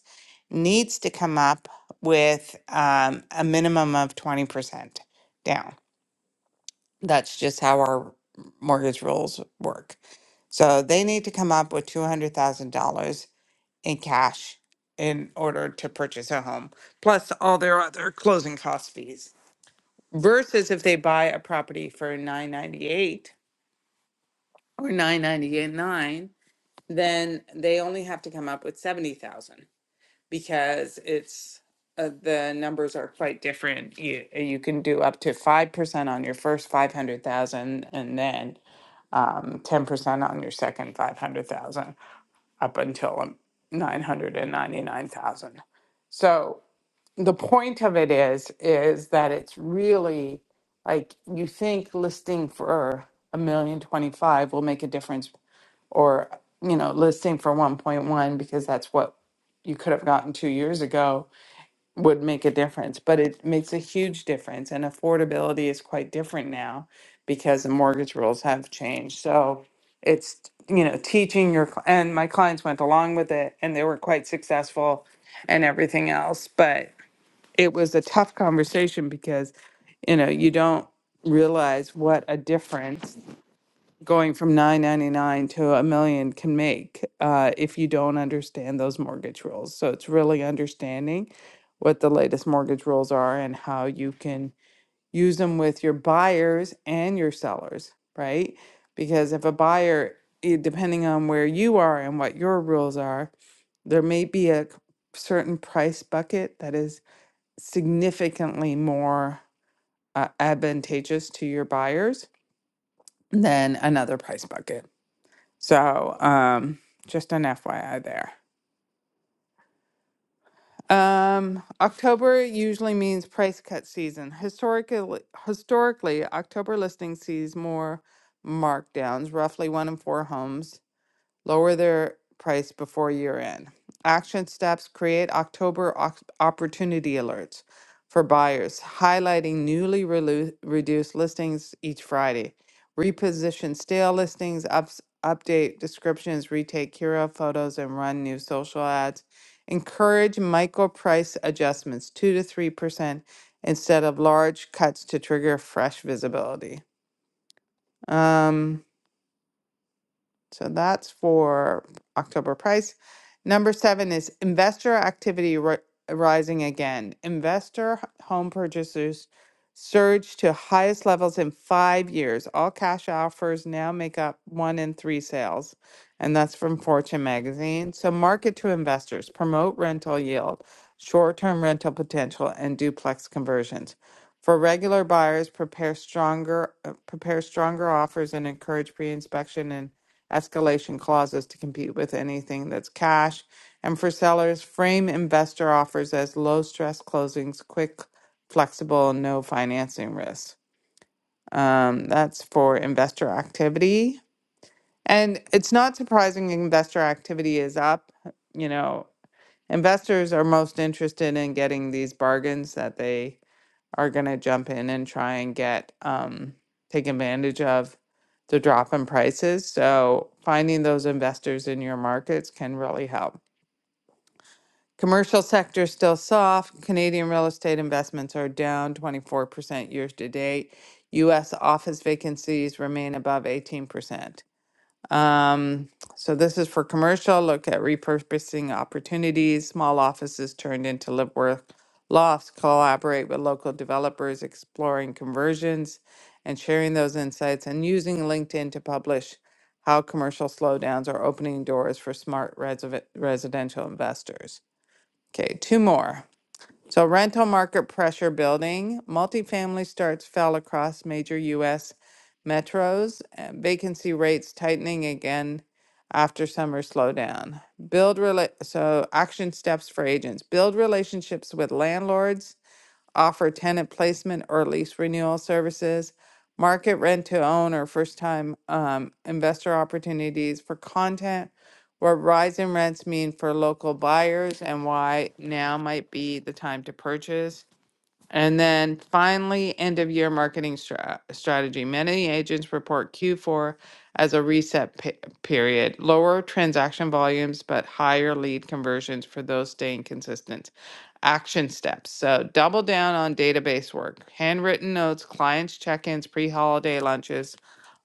[SPEAKER 2] needs to come up with um, a minimum of 20% down. That's just how our mortgage rules work. So they need to come up with $200,000 in cash in order to purchase a home, plus all their other closing cost fees. Versus if they buy a property for nine ninety eight or nine ninety eight nine, then they only have to come up with seventy thousand because it's uh, the numbers are quite different. You you can do up to five percent on your first five hundred thousand, and then um ten percent on your second five hundred thousand, up until um, nine hundred and ninety nine thousand. So the point of it is is that it's really like you think listing for a million twenty five will make a difference or you know listing for 1.1 because that's what you could have gotten two years ago would make a difference but it makes a huge difference and affordability is quite different now because the mortgage rules have changed so it's you know teaching your cl- and my clients went along with it and they were quite successful and everything else but it was a tough conversation because you know you don't realize what a difference going from 999 to a million can make uh, if you don't understand those mortgage rules so it's really understanding what the latest mortgage rules are and how you can use them with your buyers and your sellers right because if a buyer eh, depending on where you are and what your rules are there may be a c- certain price bucket that is significantly more uh, advantageous to your buyers than another price bucket. So, um, just an FYI there. Um, October usually means price cut season. Historically, historically, October listing sees more markdowns, roughly one in four homes lower their price before year end. Action steps create October ox- opportunity alerts for buyers, highlighting newly relu- reduced listings each Friday. Reposition stale listings, ups- update descriptions, retake Kira photos, and run new social ads. Encourage micro price adjustments, 2 to 3% instead of large cuts to trigger fresh visibility. Um, so that's for October price. Number seven is investor activity ri- rising again. Investor h- home purchasers surged to highest levels in five years. All cash offers now make up one in three sales. And that's from Fortune magazine. So market to investors, promote rental yield, short term rental potential, and duplex conversions. For regular buyers, prepare stronger uh, prepare stronger offers and encourage pre-inspection and escalation clauses to compete with anything that's cash. And for sellers, frame investor offers as low stress closings, quick, flexible, no financing risk. Um, that's for investor activity. And it's not surprising investor activity is up. You know, investors are most interested in getting these bargains that they are going to jump in and try and get um, take advantage of the drop in prices. So finding those investors in your markets can really help. Commercial sector still soft. Canadian real estate investments are down 24% year to date. US office vacancies remain above 18%. Um, so this is for commercial, look at repurposing opportunities, small offices turned into live work lofts, collaborate with local developers, exploring conversions and sharing those insights and using LinkedIn to publish how commercial slowdowns are opening doors for smart resi- residential investors. Okay, two more. So rental market pressure building, multifamily starts fell across major US metros, and vacancy rates tightening again after summer slowdown. Build rela- so action steps for agents. Build relationships with landlords offer tenant placement or lease renewal services, market rent to own or first time um, investor opportunities for content, what rising rents mean for local buyers, and why now might be the time to purchase and then finally, end of year marketing stra- strategy. Many agents report Q4 as a reset pe- period, lower transaction volumes, but higher lead conversions for those staying consistent. Action steps. So double down on database work, handwritten notes, clients check ins, pre holiday lunches,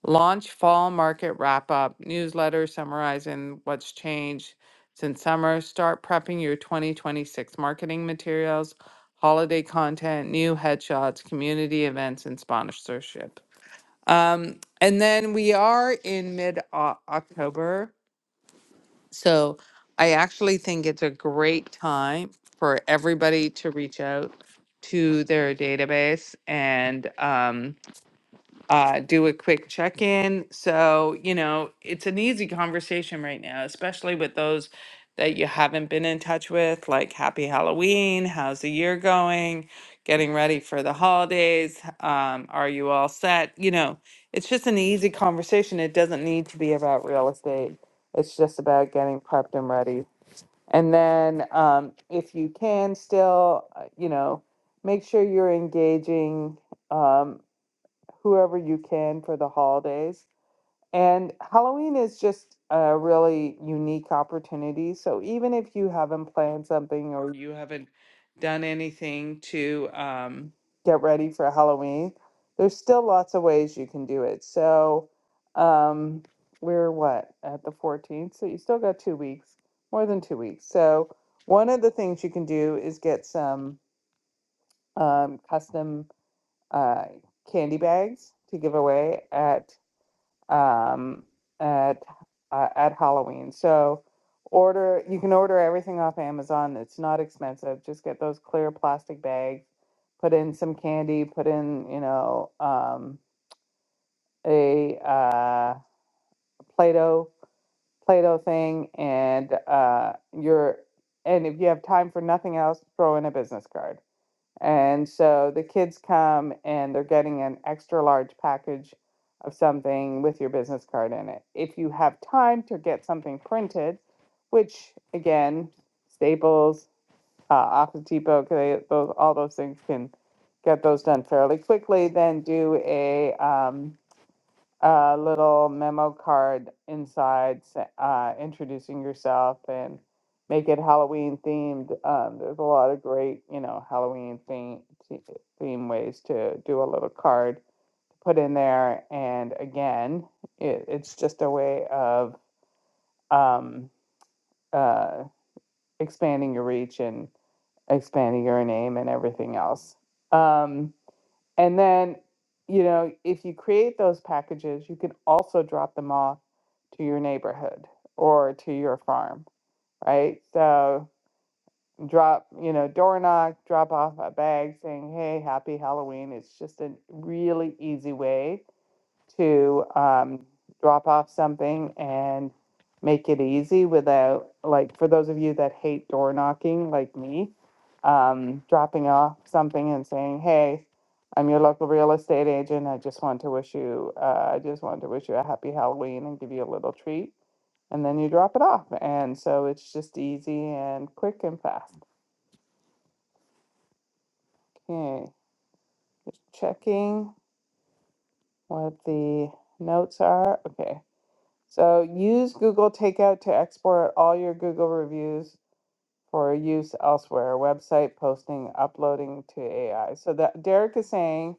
[SPEAKER 2] launch fall market wrap up, newsletter summarizing what's changed since summer, start prepping your 2026 marketing materials holiday content, new headshots, community events, and sponsorship. Um, and then we are in mid Au- October. So I actually think it's a great time for everybody to reach out to their database and um, uh, do a quick check in. So, you know, it's an easy conversation right now, especially with those that you haven't been in touch with, like Happy Halloween, how's the year going, getting ready for the holidays, um, are you all set? You know, it's just an easy conversation. It doesn't need to be about real estate, it's just about getting prepped and ready. And then, um, if you can still, uh, you know, make sure you're engaging. Um, whoever you can for the holidays. And Halloween is just a really unique opportunity. So even if you haven't planned something or you haven't done anything to um, get ready for Halloween, there's still lots of ways you can do it. So um, we're what at the 14th? So you still got two weeks, more than two weeks. So one of the things you can do is get some um, custom uh, candy bags to give away at um, at uh, at Halloween. So order you can order everything off Amazon. It's not expensive. Just get those clear plastic bags, put in some candy, put in you know um, a uh, Play-Doh Play-Doh thing, and uh, your and if you have time for nothing else, throw in a business card and so the kids come and they're getting an extra large package of something with your business card in it. If you have time to get something printed, which again, Staples, uh, Office Depot, they, those, all those things can get those done fairly quickly, then do a um, a little memo card inside sa- uh, introducing yourself and make it Halloween themed. Um, there's a lot of great, you know, Halloween theme, the- theme ways to do a little card to put in there. And again, it, it's just a way of um, uh, expanding your reach and expanding your name and everything else. Um, and then, you know, if you create those packages, you can also drop them off to your neighborhood or to your farm, right? So drop, you know, door knock, drop off a bag saying, hey, happy Halloween. It's just a really easy way to um, drop off something and make it easy without, like, for those of you that hate door knocking, like me, um, dropping off something and saying, hey, I'm your local real estate agent. I just want to wish you, uh, I just want to wish you a happy Halloween and give you a little treat. And then you drop it off. And so it's just easy and quick and fast. Okay, just checking what the notes are. Okay. So use Google Takeout to export all your Google reviews for use elsewhere, website posting, uploading to AI. So that Derek is saying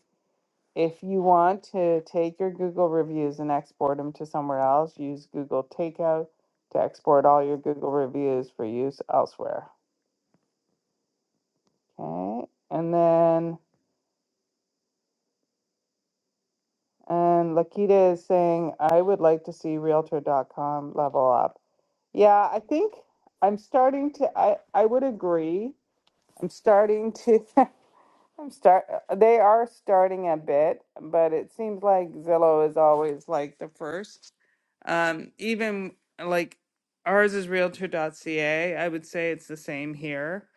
[SPEAKER 2] if you want to take your Google reviews and export them to somewhere else, use Google Takeout to export all your Google reviews for use elsewhere. Okay. And then and Lakita is saying, I would like to see realtor.com level up. Yeah, I think I'm starting to I, I would agree I'm starting to. [LAUGHS] I'm start. They are starting a bit, but it seems like Zillow is always like the first. Um, even like ours is Realtor.ca. I would say it's the same here.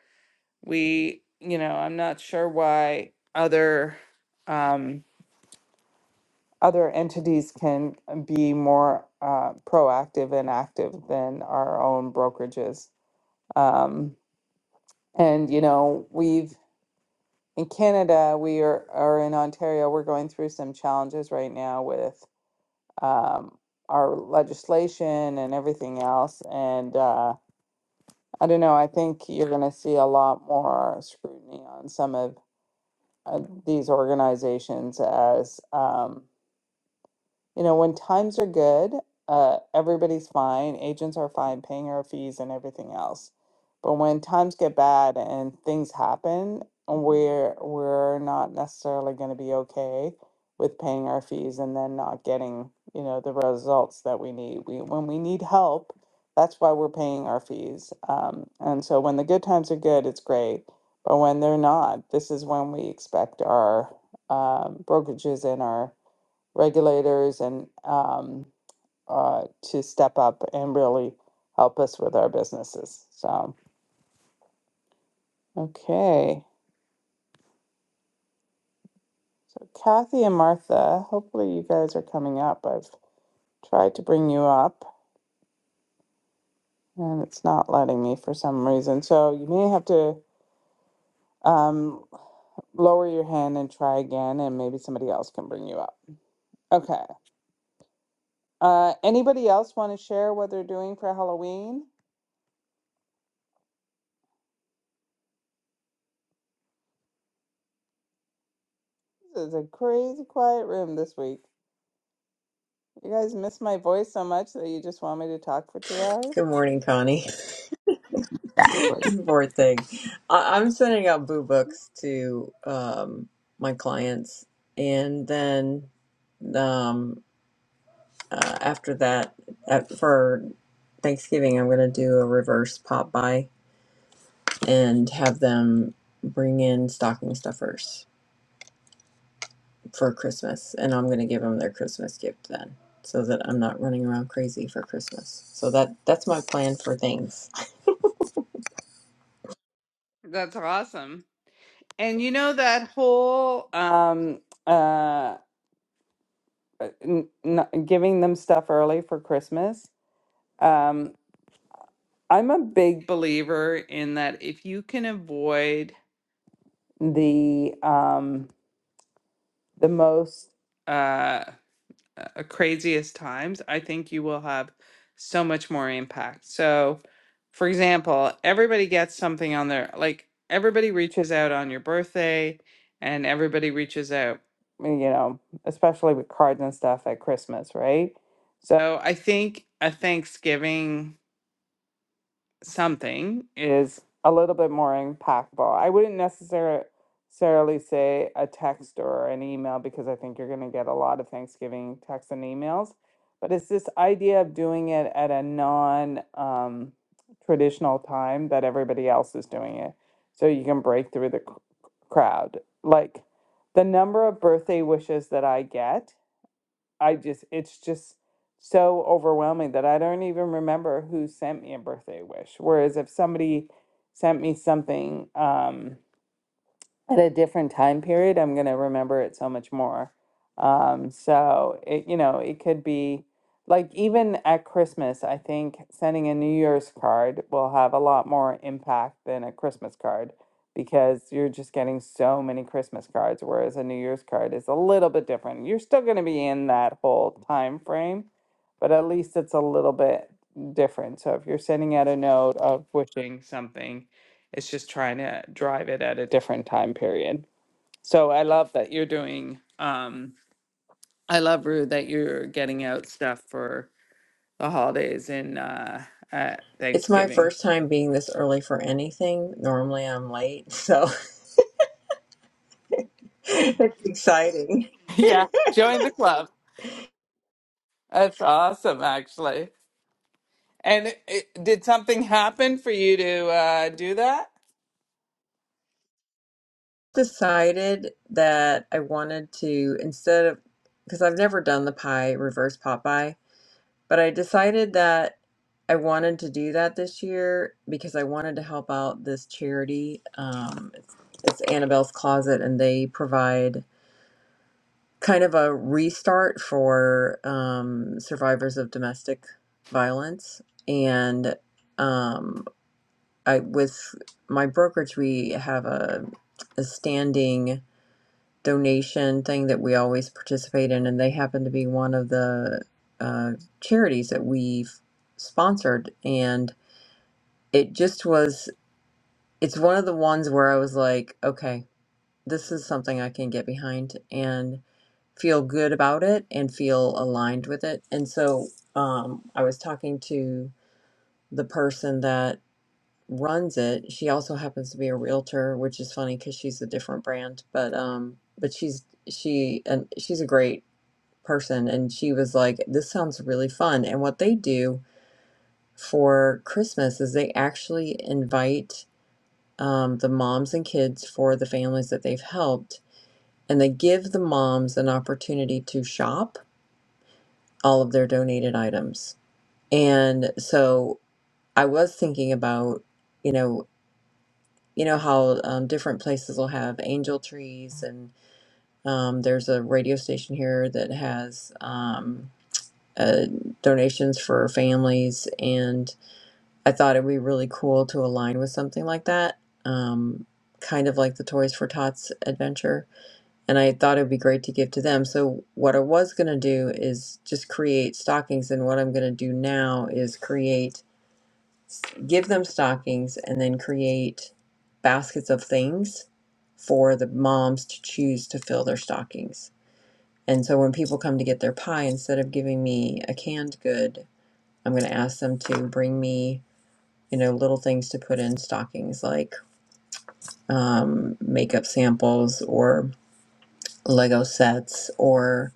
[SPEAKER 2] We, you know, I'm not sure why other um, other entities can be more uh, proactive and active than our own brokerages. Um, and you know, we've in Canada, we are, are in Ontario, we're going through some challenges right now with um, our legislation and everything else. And uh, I don't know, I think you're going to see a lot more scrutiny on some of uh, these organizations as um, You know, when times are good, uh, everybody's fine. Agents are fine paying our fees and everything else. But when times get bad and things happen, we're we're not necessarily going to be okay with paying our fees and then not getting you know the results that we need. We when we need help, that's why we're paying our fees. Um, and so when the good times are good, it's great. But when they're not, this is when we expect our um, brokerages and our regulators and um, uh, to step up and really help us with our businesses. So, okay. So, Kathy and Martha, hopefully you guys are coming up. I've tried to bring you up and it's not letting me for some reason. So, you may have to um, lower your hand and try again, and maybe somebody else can bring you up. Okay. Uh, anybody else want to share what they're doing for Halloween? This is a crazy quiet room this week. You guys miss my voice so much that you just want me to talk for two hours?
[SPEAKER 10] Good morning, Connie.
[SPEAKER 11] Exactly.
[SPEAKER 10] [LAUGHS] Poor thing. I- I'm sending out boo books to um, my clients, and then um, uh, after that, at, for Thanksgiving, I'm going to do a reverse pop by and have them bring in stocking stuffers for Christmas, and I'm going to give them their Christmas gift then, so that I'm not running around crazy for Christmas. So that that's my plan for things.
[SPEAKER 2] That's awesome. And you know that whole um uh uh, n n- giving them stuff early for Christmas. Um I'm a big believer in that if you can avoid the um the most uh uh, craziest times, I think you will have so much more impact. So, for example, everybody gets something on their like everybody reaches out on your birthday and everybody reaches out, you know, especially with cards and stuff at Christmas, right? So, I think a Thanksgiving something is a little bit more impactful. I wouldn't necessarily necessarily say a text or an email because I think you're going to get a lot of Thanksgiving texts and emails, but it's this idea of doing it at a non um, traditional time that everybody else is doing it. So you can break through the c- crowd. Like the number of birthday wishes that I get I just it's just so overwhelming that I don't even remember who sent me a birthday wish. Whereas if somebody sent me something, um, at a different time period, I'm going to remember it so much more. Um, so it, you know, it could be like even at Christmas, I think sending a New Year's card will have a lot more impact than a Christmas card because you're just getting so many Christmas cards, whereas a New Year's card is a little bit different. You're still going to be in that whole time frame, but at least it's a little bit different. So if you're sending out a note of wishing something, it's just trying to drive it at a different time period. So I love that you're doing, um, I love, Rue, that you're getting out stuff for the holidays and uh, uh,
[SPEAKER 10] It's my
[SPEAKER 2] Thanksgiving.
[SPEAKER 10] first time being this early for anything. Normally I'm late, so [LAUGHS] it's exciting.
[SPEAKER 2] [LAUGHS] Yeah, join the club. That's awesome, actually. And it, did something happen for you to uh, do that?
[SPEAKER 10] Decided that I wanted to, instead of, because I've never done the pie, reverse Popeye, but I decided that I wanted to do that this year because I wanted to help out this charity. Um, it's, it's Annabelle's Closet, and they provide kind of a restart for um, survivors of domestic violence. And um, I, with my brokerage, we have a, a standing donation thing that we always participate in, and they happen to be one of the uh, charities that we've sponsored. And it just was, it's one of the ones where I was like, okay this is something I can get behind and feel good about it and feel aligned with it. And so um, I was talking to the person that runs it. She also happens to be a realtor, which is funny because she's a different brand, but um, but she's she and she's a great person. And she was like, "This sounds really fun." And what they do for Christmas is they actually invite um, the moms and kids for the families that they've helped and they give the moms an opportunity to shop all of their donated items. And so I was thinking about, you know, you know how um, different places will have angel trees, and um, there's a radio station here that has um, uh, donations for families, and I thought it would be really cool to align with something like that, um, kind of like the Toys for Tots adventure and I thought it would be great to give to them. So what I was going to do is just create stockings and what I'm going to do now is create give them stockings and then create baskets of things for the moms to choose to fill their stockings. And so when people come to get their pie instead of giving me a canned good, I'm going to ask them to bring me, you know, little things to put in stockings like um, makeup samples or Lego sets or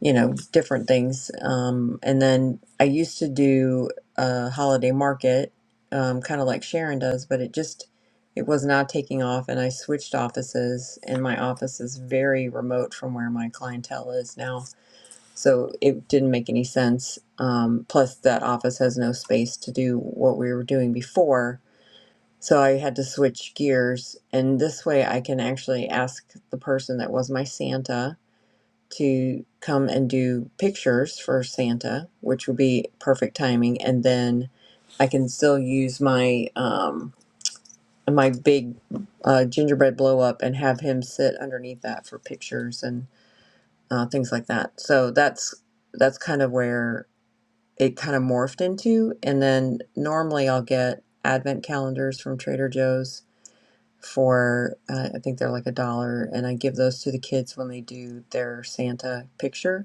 [SPEAKER 10] you know, different things. Um, and then I used to do a holiday market, um, kind of like Sharon does, but it just it was not taking off, and I switched offices, and my office is very remote from where my clientele is now, so it didn't make any sense. Um, plus, that office has no space to do what we were doing before. So I had to switch gears, and this way I can actually ask the person that was my Santa, to come and do pictures for Santa, which would be perfect timing, and then I can still use my um, my big uh, gingerbread blow up and have him sit underneath that for pictures and uh, things like that. So that's that's kind of where it kind of morphed into, and then normally I'll get advent calendars from Trader Joe's for uh, I think they're like a dollar, and I give those to the kids when they do their Santa picture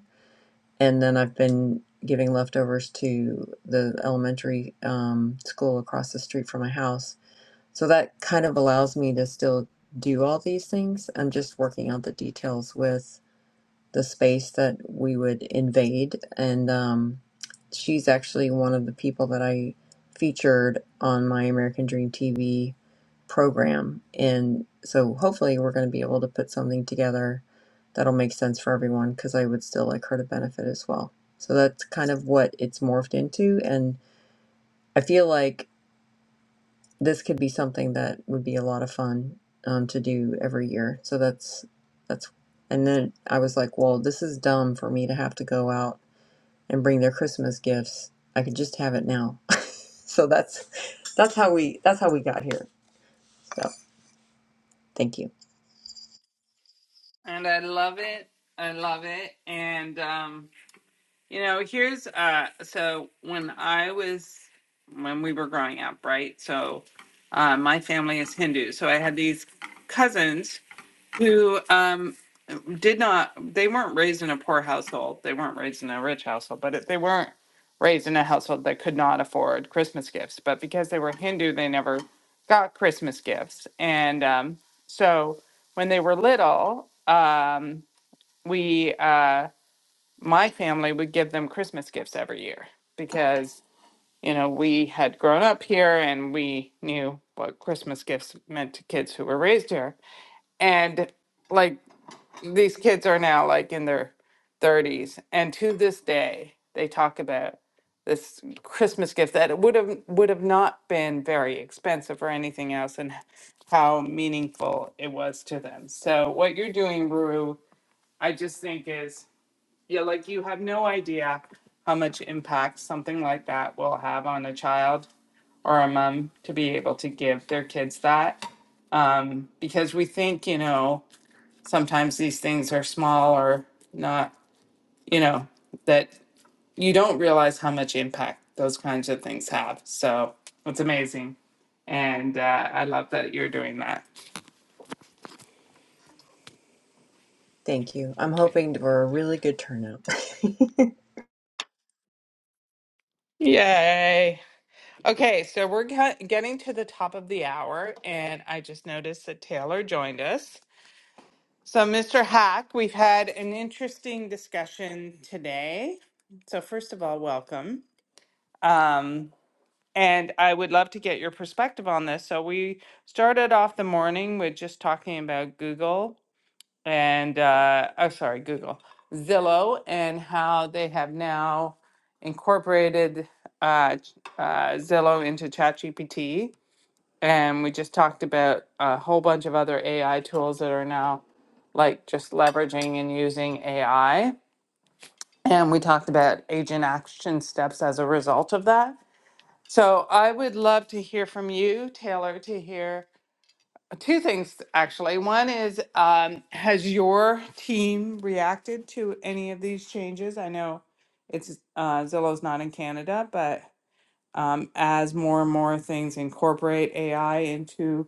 [SPEAKER 10] and then I've been giving leftovers to the elementary um, school across the street from my house. So that kind of allows me to still do all these things. I'm just working out the details with the space that we would invade. And um, she's actually one of the people that I featured on my American Dream TV program. And so hopefully we're going to be able to put something together that'll make sense for everyone because I would still like her to benefit as well. So that's kind of what it's morphed into. And I feel like this could be something that would be a lot of fun um, to do every year. So that's that's and then I was like, well, this is dumb for me to have to go out and bring their Christmas gifts. I could just have it now. [LAUGHS] so that's that's how we that's how we got here. So thank you.
[SPEAKER 2] And I love it. I love it. And um, You know, here's uh so when I was when we were growing up, right? So uh my family is Hindu. So I had these cousins who um did not they weren't raised in a poor household. They weren't raised in a rich household, but it, they weren't raised in a household that could not afford Christmas gifts. But because they were Hindu, they never got Christmas gifts. And um so when they were little, um we uh my family would give them Christmas gifts every year because, you know, we had grown up here and we knew what Christmas gifts meant to kids who were raised here. And like these kids are now like in their 30s and to this day they talk about this Christmas gift that it would have would have not been very expensive or anything else and how meaningful it was to them. So what you're doing, Rue, I just think is yeah, like you have no idea how much impact something like that will have on a child or a mom to be able to give their kids that. Um, because we think, you know, sometimes these things are small or not, you know, that you don't realize how much impact those kinds of things have. So it's amazing. And uh, I love that you're doing that.
[SPEAKER 10] Thank you. I'm hoping for a really good turnout.
[SPEAKER 2] Yay. Okay, so we're get- getting to the top of the hour, and I just noticed that Taylor joined us. So, Mr. Hack, we've had an interesting discussion today. So, first of all, welcome. Um, and I would love to get your perspective on this. So, we started off the morning with just talking about Google and, uh, oh, sorry, Google, Zillow, and how they have now incorporated uh, ch- uh, Zillow into ChatGPT. And we just talked about a whole bunch of other AI tools that are now like just leveraging and using AI. And we talked about agent action steps as a result of that. So I would love to hear from you, Taylor, to hear two things actually. One is um, Has your team reacted to any of these changes? I know it's uh, Zillow's not in Canada, but um, as more and more things incorporate AI into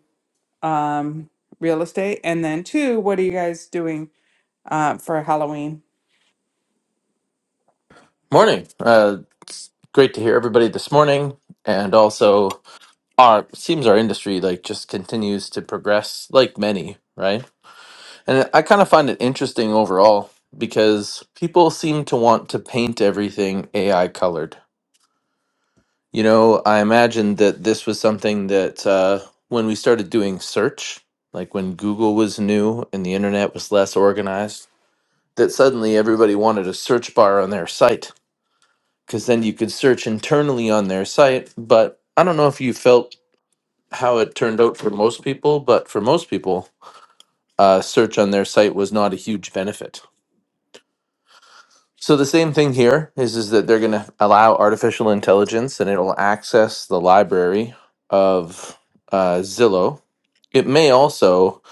[SPEAKER 2] um, real estate. And then, two, what are you guys doing uh, for Halloween?
[SPEAKER 12] Morning. Uh, it's great to hear everybody this morning, and also our seems our industry like just continues to progress, like many, right? And I kind of find it interesting overall because people seem to want to paint everything AI colored. You know, I imagine that this was something that uh, when we started doing search, like when Google was new and the internet was less organized, that suddenly everybody wanted a search bar on their site because then you could search internally on their site. But I don't know if you felt how it turned out for most people, but for most people, uh, search on their site was not a huge benefit. So the same thing here is is that they're going to allow artificial intelligence and it'll access the library of uh, Zillow. It may also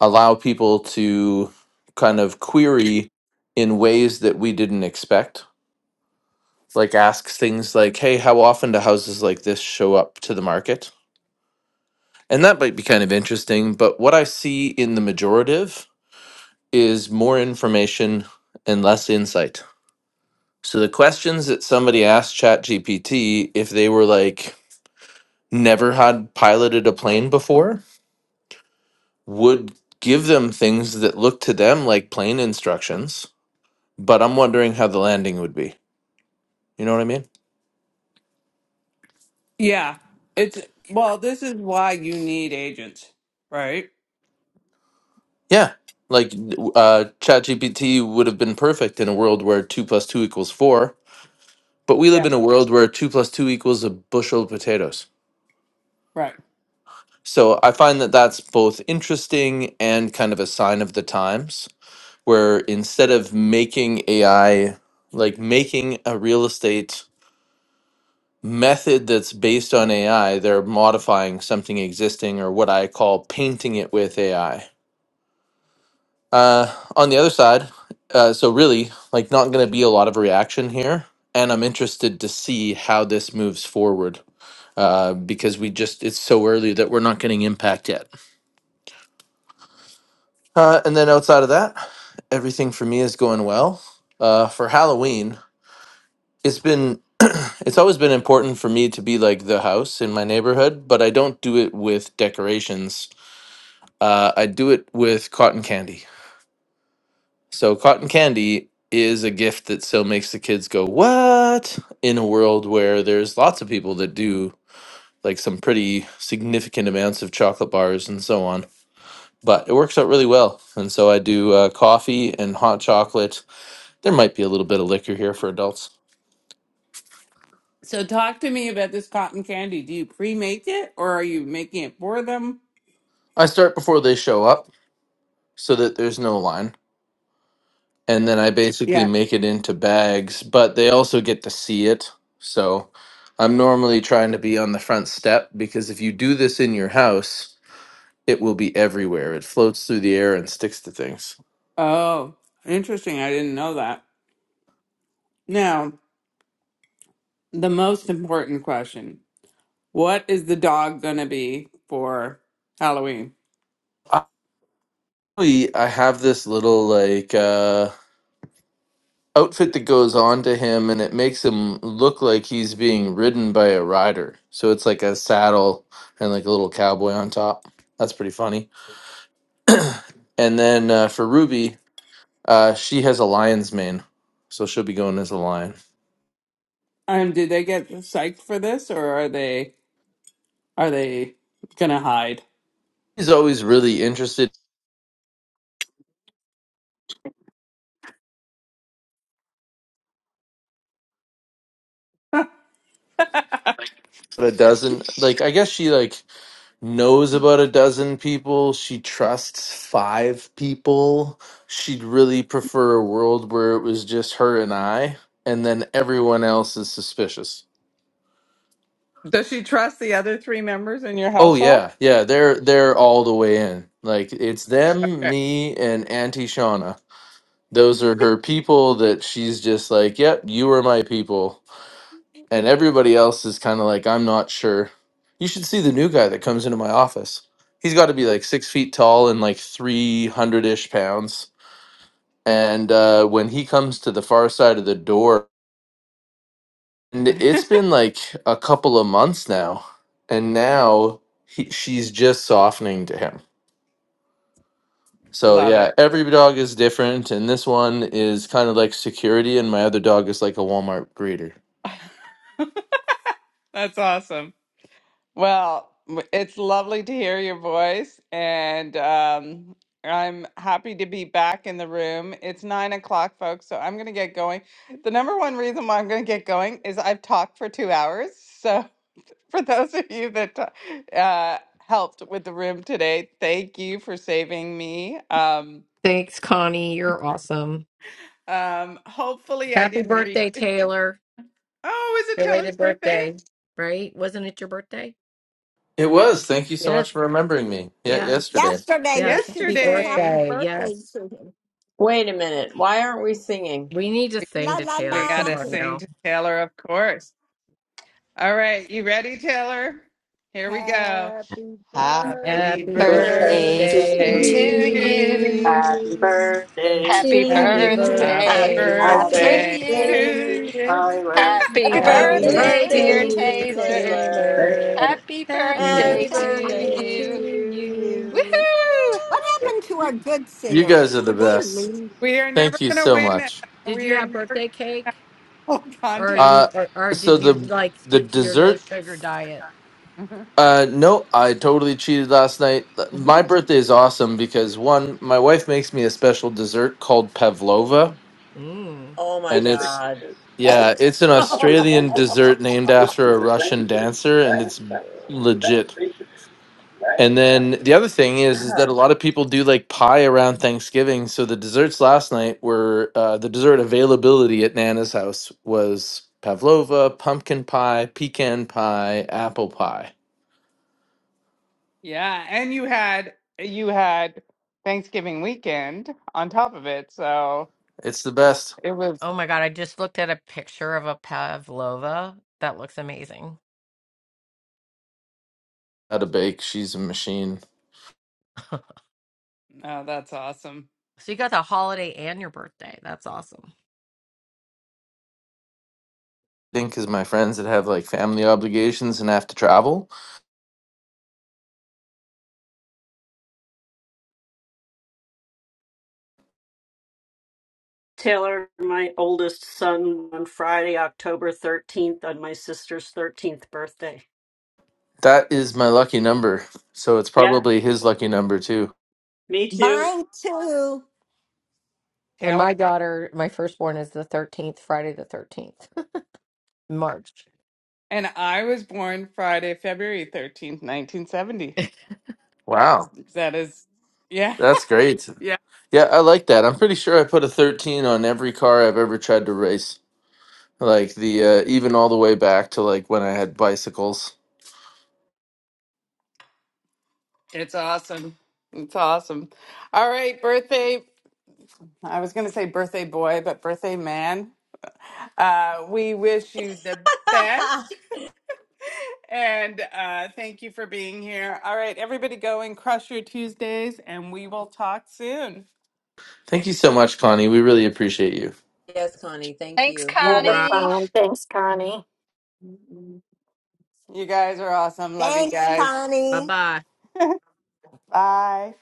[SPEAKER 12] allow people to kind of query in ways that we didn't expect like asks things like, "Hey, how often do houses like this show up to the market?" And that might be kind of interesting, but what I see in the majorative is more information and less insight. So the questions that somebody asked ChatGPT if they were like never had piloted a plane before would give them things that look to them like plane instructions, but I'm wondering how the landing would be. You know what I mean?
[SPEAKER 2] Yeah. It's well, this is why you need agents, right?
[SPEAKER 12] Yeah, like uh, ChatGPT would have been perfect in a world where two plus two equals four, but we live
[SPEAKER 2] Yeah.
[SPEAKER 12] in a world where two plus two equals a bushel of potatoes.
[SPEAKER 2] Right.
[SPEAKER 12] So I find that that's both interesting and kind of a sign of the times, where instead of making AI like making a real estate method that's based on AI, they're modifying something existing or what I call painting it with AI Uh, on the other side, uh, so really, like, not going to be a lot of reaction here, and I'm interested to see how this moves forward uh, because we just it's so early that we're not getting impact yet. Uh, and then outside of that, everything for me is going well. Uh, for Halloween, it's been [CLEARS THROAT] it's always been important for me to be like the house in my neighborhood, but I don't do it with decorations. Uh, I do it with cotton candy. So cotton candy is a gift that still makes the kids go, What? In a world where there's lots of people that do like some pretty significant amounts of chocolate bars and so on. But it works out really well. And so I do uh, coffee and hot chocolate. There might be a little bit of liquor here for adults.
[SPEAKER 2] So talk to me about this cotton candy. Do you pre-make it or are you making it for them?
[SPEAKER 12] I start before they show up so that there's no line and then I basically
[SPEAKER 2] Yeah.
[SPEAKER 12] make it into bags, but they also get to see it. So I'm normally trying to be on the front step because if you do this in your house, it will be everywhere. It floats through the air and sticks to things.
[SPEAKER 2] Oh, interesting. I didn't know that. Now, the most important question. What is the dog going to be for Halloween?
[SPEAKER 12] Actually, I have this little like uh, outfit that goes on to him and it makes him look like he's being ridden by a rider. So it's like a saddle and like a little cowboy on top. That's pretty funny. [CLEARS THROAT] and then uh, for Ruby, Uh, she has a lion's mane, so she'll be going as a lion.
[SPEAKER 2] Um, did they get psyched for this or are they are they going to hide?
[SPEAKER 12] She's always really interested. in A dozen, like I guess she like knows about a dozen people. She trusts five people. She'd really prefer a world where it was just her and I, and then everyone else is suspicious.
[SPEAKER 2] Does she trust the other three members in your
[SPEAKER 12] Oh
[SPEAKER 2] household?
[SPEAKER 12] yeah, yeah, they're they're all the way in. Like it's them, me, and Auntie Shauna. Those are her people that she's just like, yep, you are my people and everybody else is kind of like, I'm not sure. You should see the new guy that comes into my office. He's got to be like six feet tall and like 300 ish pounds. And uh, when he comes to the far side of the door, and
[SPEAKER 2] Okay. [LAUGHS]
[SPEAKER 12] it's been like a couple of months now. And now he, she's just softening to him. So,
[SPEAKER 2] Love it.
[SPEAKER 12] yeah, every dog is different. And this one is kind of like security, and my other dog is like a Walmart greeter.
[SPEAKER 2] That's awesome. Well, w- it's lovely to hear your voice, and um, I'm happy to be back in the room. It's nine o'clock, folks, so I'm going to get going. The number one reason why I'm going to get going is I've talked for two hours. So, [LAUGHS] for those of you that t- uh, helped with the room today, thank you for saving me. Um,
[SPEAKER 4] Thanks, Connie. You're awesome.
[SPEAKER 2] um, hopefully, I
[SPEAKER 4] Happy
[SPEAKER 2] didn't read.
[SPEAKER 4] birthday, Taylor.
[SPEAKER 2] Oh, is it Taylor's
[SPEAKER 4] Related
[SPEAKER 2] birthday?
[SPEAKER 4] birthday, right? Wasn't it your birthday?
[SPEAKER 12] It was. Thank you so much
[SPEAKER 4] Yes.
[SPEAKER 12] for remembering me. Yeah,
[SPEAKER 4] Yes.
[SPEAKER 5] Yes,
[SPEAKER 12] yesterday.
[SPEAKER 4] Yes. Happy
[SPEAKER 5] and
[SPEAKER 2] Yesterday.
[SPEAKER 5] happy
[SPEAKER 4] birthday.
[SPEAKER 5] birthday
[SPEAKER 4] Yes.
[SPEAKER 5] to him.
[SPEAKER 10] [LAUGHS] Wait a minute. Why aren't we singing?
[SPEAKER 4] We need to sing
[SPEAKER 5] La
[SPEAKER 4] to
[SPEAKER 5] la
[SPEAKER 4] Taylor.
[SPEAKER 2] We got
[SPEAKER 4] Come
[SPEAKER 5] la.
[SPEAKER 2] to
[SPEAKER 4] on
[SPEAKER 5] [LAUGHS]
[SPEAKER 2] sing
[SPEAKER 4] now.
[SPEAKER 2] to Taylor, of course. All right, you ready, Taylor? Here we go.
[SPEAKER 5] Happy
[SPEAKER 2] Happy
[SPEAKER 4] Happy
[SPEAKER 10] Happy
[SPEAKER 5] birthday
[SPEAKER 2] birthday
[SPEAKER 13] Birthday
[SPEAKER 10] birthday
[SPEAKER 13] to
[SPEAKER 4] birthday
[SPEAKER 14] to
[SPEAKER 5] to
[SPEAKER 4] to
[SPEAKER 5] you.
[SPEAKER 4] you.
[SPEAKER 10] to
[SPEAKER 2] to
[SPEAKER 14] you.
[SPEAKER 2] you.
[SPEAKER 13] you.
[SPEAKER 6] Happy
[SPEAKER 10] you.
[SPEAKER 13] Birthday
[SPEAKER 6] birthday
[SPEAKER 13] to
[SPEAKER 6] to
[SPEAKER 14] Happy
[SPEAKER 4] happy
[SPEAKER 5] Happy
[SPEAKER 13] you.
[SPEAKER 6] you.
[SPEAKER 2] Happy
[SPEAKER 14] birthday
[SPEAKER 5] birthday
[SPEAKER 10] Happy
[SPEAKER 5] to
[SPEAKER 4] birthday
[SPEAKER 13] Happy
[SPEAKER 4] to
[SPEAKER 14] to
[SPEAKER 6] Happy
[SPEAKER 5] you.
[SPEAKER 4] you.
[SPEAKER 10] birthday
[SPEAKER 2] birthday
[SPEAKER 10] to
[SPEAKER 14] you.
[SPEAKER 13] birthday.
[SPEAKER 6] birthday,
[SPEAKER 2] to you.
[SPEAKER 10] you.
[SPEAKER 6] Tyler.
[SPEAKER 14] Happy
[SPEAKER 13] Happy
[SPEAKER 6] Happy
[SPEAKER 4] happy
[SPEAKER 10] Happy
[SPEAKER 5] Happy
[SPEAKER 13] birthday
[SPEAKER 11] Happy
[SPEAKER 14] birthday,
[SPEAKER 13] to
[SPEAKER 5] birthday.
[SPEAKER 6] birthday.
[SPEAKER 14] dear
[SPEAKER 4] birthday,
[SPEAKER 10] birthday,
[SPEAKER 13] you.
[SPEAKER 10] dear
[SPEAKER 4] dear
[SPEAKER 14] Taylor.
[SPEAKER 4] Taylor.
[SPEAKER 11] birthday
[SPEAKER 10] Taylor.
[SPEAKER 14] Happy
[SPEAKER 11] to
[SPEAKER 4] Happy
[SPEAKER 11] you.
[SPEAKER 10] Happy
[SPEAKER 14] birthday to
[SPEAKER 4] birthday
[SPEAKER 10] birthday
[SPEAKER 14] you.
[SPEAKER 10] to
[SPEAKER 4] to you.
[SPEAKER 10] you.
[SPEAKER 14] Woohoo!
[SPEAKER 5] What
[SPEAKER 10] Ah.
[SPEAKER 5] happened to our good
[SPEAKER 12] You guys
[SPEAKER 5] singers?
[SPEAKER 12] are the
[SPEAKER 5] Did they
[SPEAKER 12] best.
[SPEAKER 5] leave?
[SPEAKER 2] We are never
[SPEAKER 12] Thank you
[SPEAKER 2] going to
[SPEAKER 12] so
[SPEAKER 2] win.
[SPEAKER 12] much.
[SPEAKER 4] Did
[SPEAKER 2] We
[SPEAKER 4] you
[SPEAKER 2] are never
[SPEAKER 4] have birthday
[SPEAKER 2] going to
[SPEAKER 4] cake?
[SPEAKER 2] win a
[SPEAKER 4] Or are
[SPEAKER 2] contest.
[SPEAKER 12] Uh,
[SPEAKER 4] you or, or
[SPEAKER 12] so
[SPEAKER 4] did you
[SPEAKER 12] the
[SPEAKER 4] like
[SPEAKER 12] the
[SPEAKER 4] stick to your no
[SPEAKER 12] dessert.
[SPEAKER 4] sugar diet?
[SPEAKER 2] [LAUGHS]
[SPEAKER 12] Uh, no, I totally cheated last night. My
[SPEAKER 4] [LAUGHS]
[SPEAKER 12] birthday is awesome because one, my wife makes me a special dessert called pavlova,
[SPEAKER 4] mm.
[SPEAKER 10] Oh my
[SPEAKER 12] and it's
[SPEAKER 10] God.
[SPEAKER 12] yeah, it's an Australian dessert named after a Russian dancer, and it's legit And then the other thing
[SPEAKER 10] [LAUGHS]
[SPEAKER 12] is, is that a
[SPEAKER 10] [COUGHS]
[SPEAKER 12] lot of people do like pie around Thanksgiving. So the desserts last night were uh, the dessert availability at Nana's house was pavlova, pumpkin pie, pecan pie, apple pie.
[SPEAKER 2] yeah, and you had you had Thanksgiving weekend on top of it, so
[SPEAKER 12] It's the best.
[SPEAKER 2] it was.
[SPEAKER 4] Oh my God, I just looked at a picture of a pavlova. That looks amazing.
[SPEAKER 12] How to bake? She's a machine.
[SPEAKER 4] [LAUGHS]
[SPEAKER 2] Oh, that's awesome,
[SPEAKER 4] So you got the holiday and your birthday. That's awesome.
[SPEAKER 12] I think is my friends that have like family obligations and have to travel.
[SPEAKER 6] Taylor, my oldest son, on Friday, October 13th, on my sister's 13th birthday.
[SPEAKER 12] That is my lucky number. So it's
[SPEAKER 6] Yeah,
[SPEAKER 12] probably his lucky number too.
[SPEAKER 6] me too.
[SPEAKER 5] Mine too.
[SPEAKER 4] And
[SPEAKER 2] Taylor.
[SPEAKER 4] my daughter, my firstborn, is the 13th, Friday the 13th, [LAUGHS] March.
[SPEAKER 2] And I was born Friday, February thirteenth, nineteen seventy.
[SPEAKER 12] Wow,
[SPEAKER 2] That is, yeah.
[SPEAKER 12] that's great.
[SPEAKER 2] [LAUGHS]
[SPEAKER 12] Yeah, I like that. I'm pretty sure I put a 13 on every car I've ever tried to race. like the uh, even all the way back to like when I had bicycles.
[SPEAKER 2] It's awesome. It's awesome. All right, birthday. I was going to say birthday boy, but birthday man. Uh, we wish you the best. [LAUGHS] and uh, thank you for being here. All right, everybody go and crush your Tuesdays, and we will talk soon.
[SPEAKER 12] Thank you so much, Connie. We really appreciate you.
[SPEAKER 10] yes, Connie, thank
[SPEAKER 14] Thanks,
[SPEAKER 10] you.
[SPEAKER 4] You
[SPEAKER 13] All the
[SPEAKER 4] rock.
[SPEAKER 14] Connie.
[SPEAKER 13] fun. Thanks, Connie.
[SPEAKER 2] You guys are awesome. Love you
[SPEAKER 5] Thanks,
[SPEAKER 2] guys.
[SPEAKER 4] Bye
[SPEAKER 5] Connie.
[SPEAKER 4] bye.
[SPEAKER 2] Bye.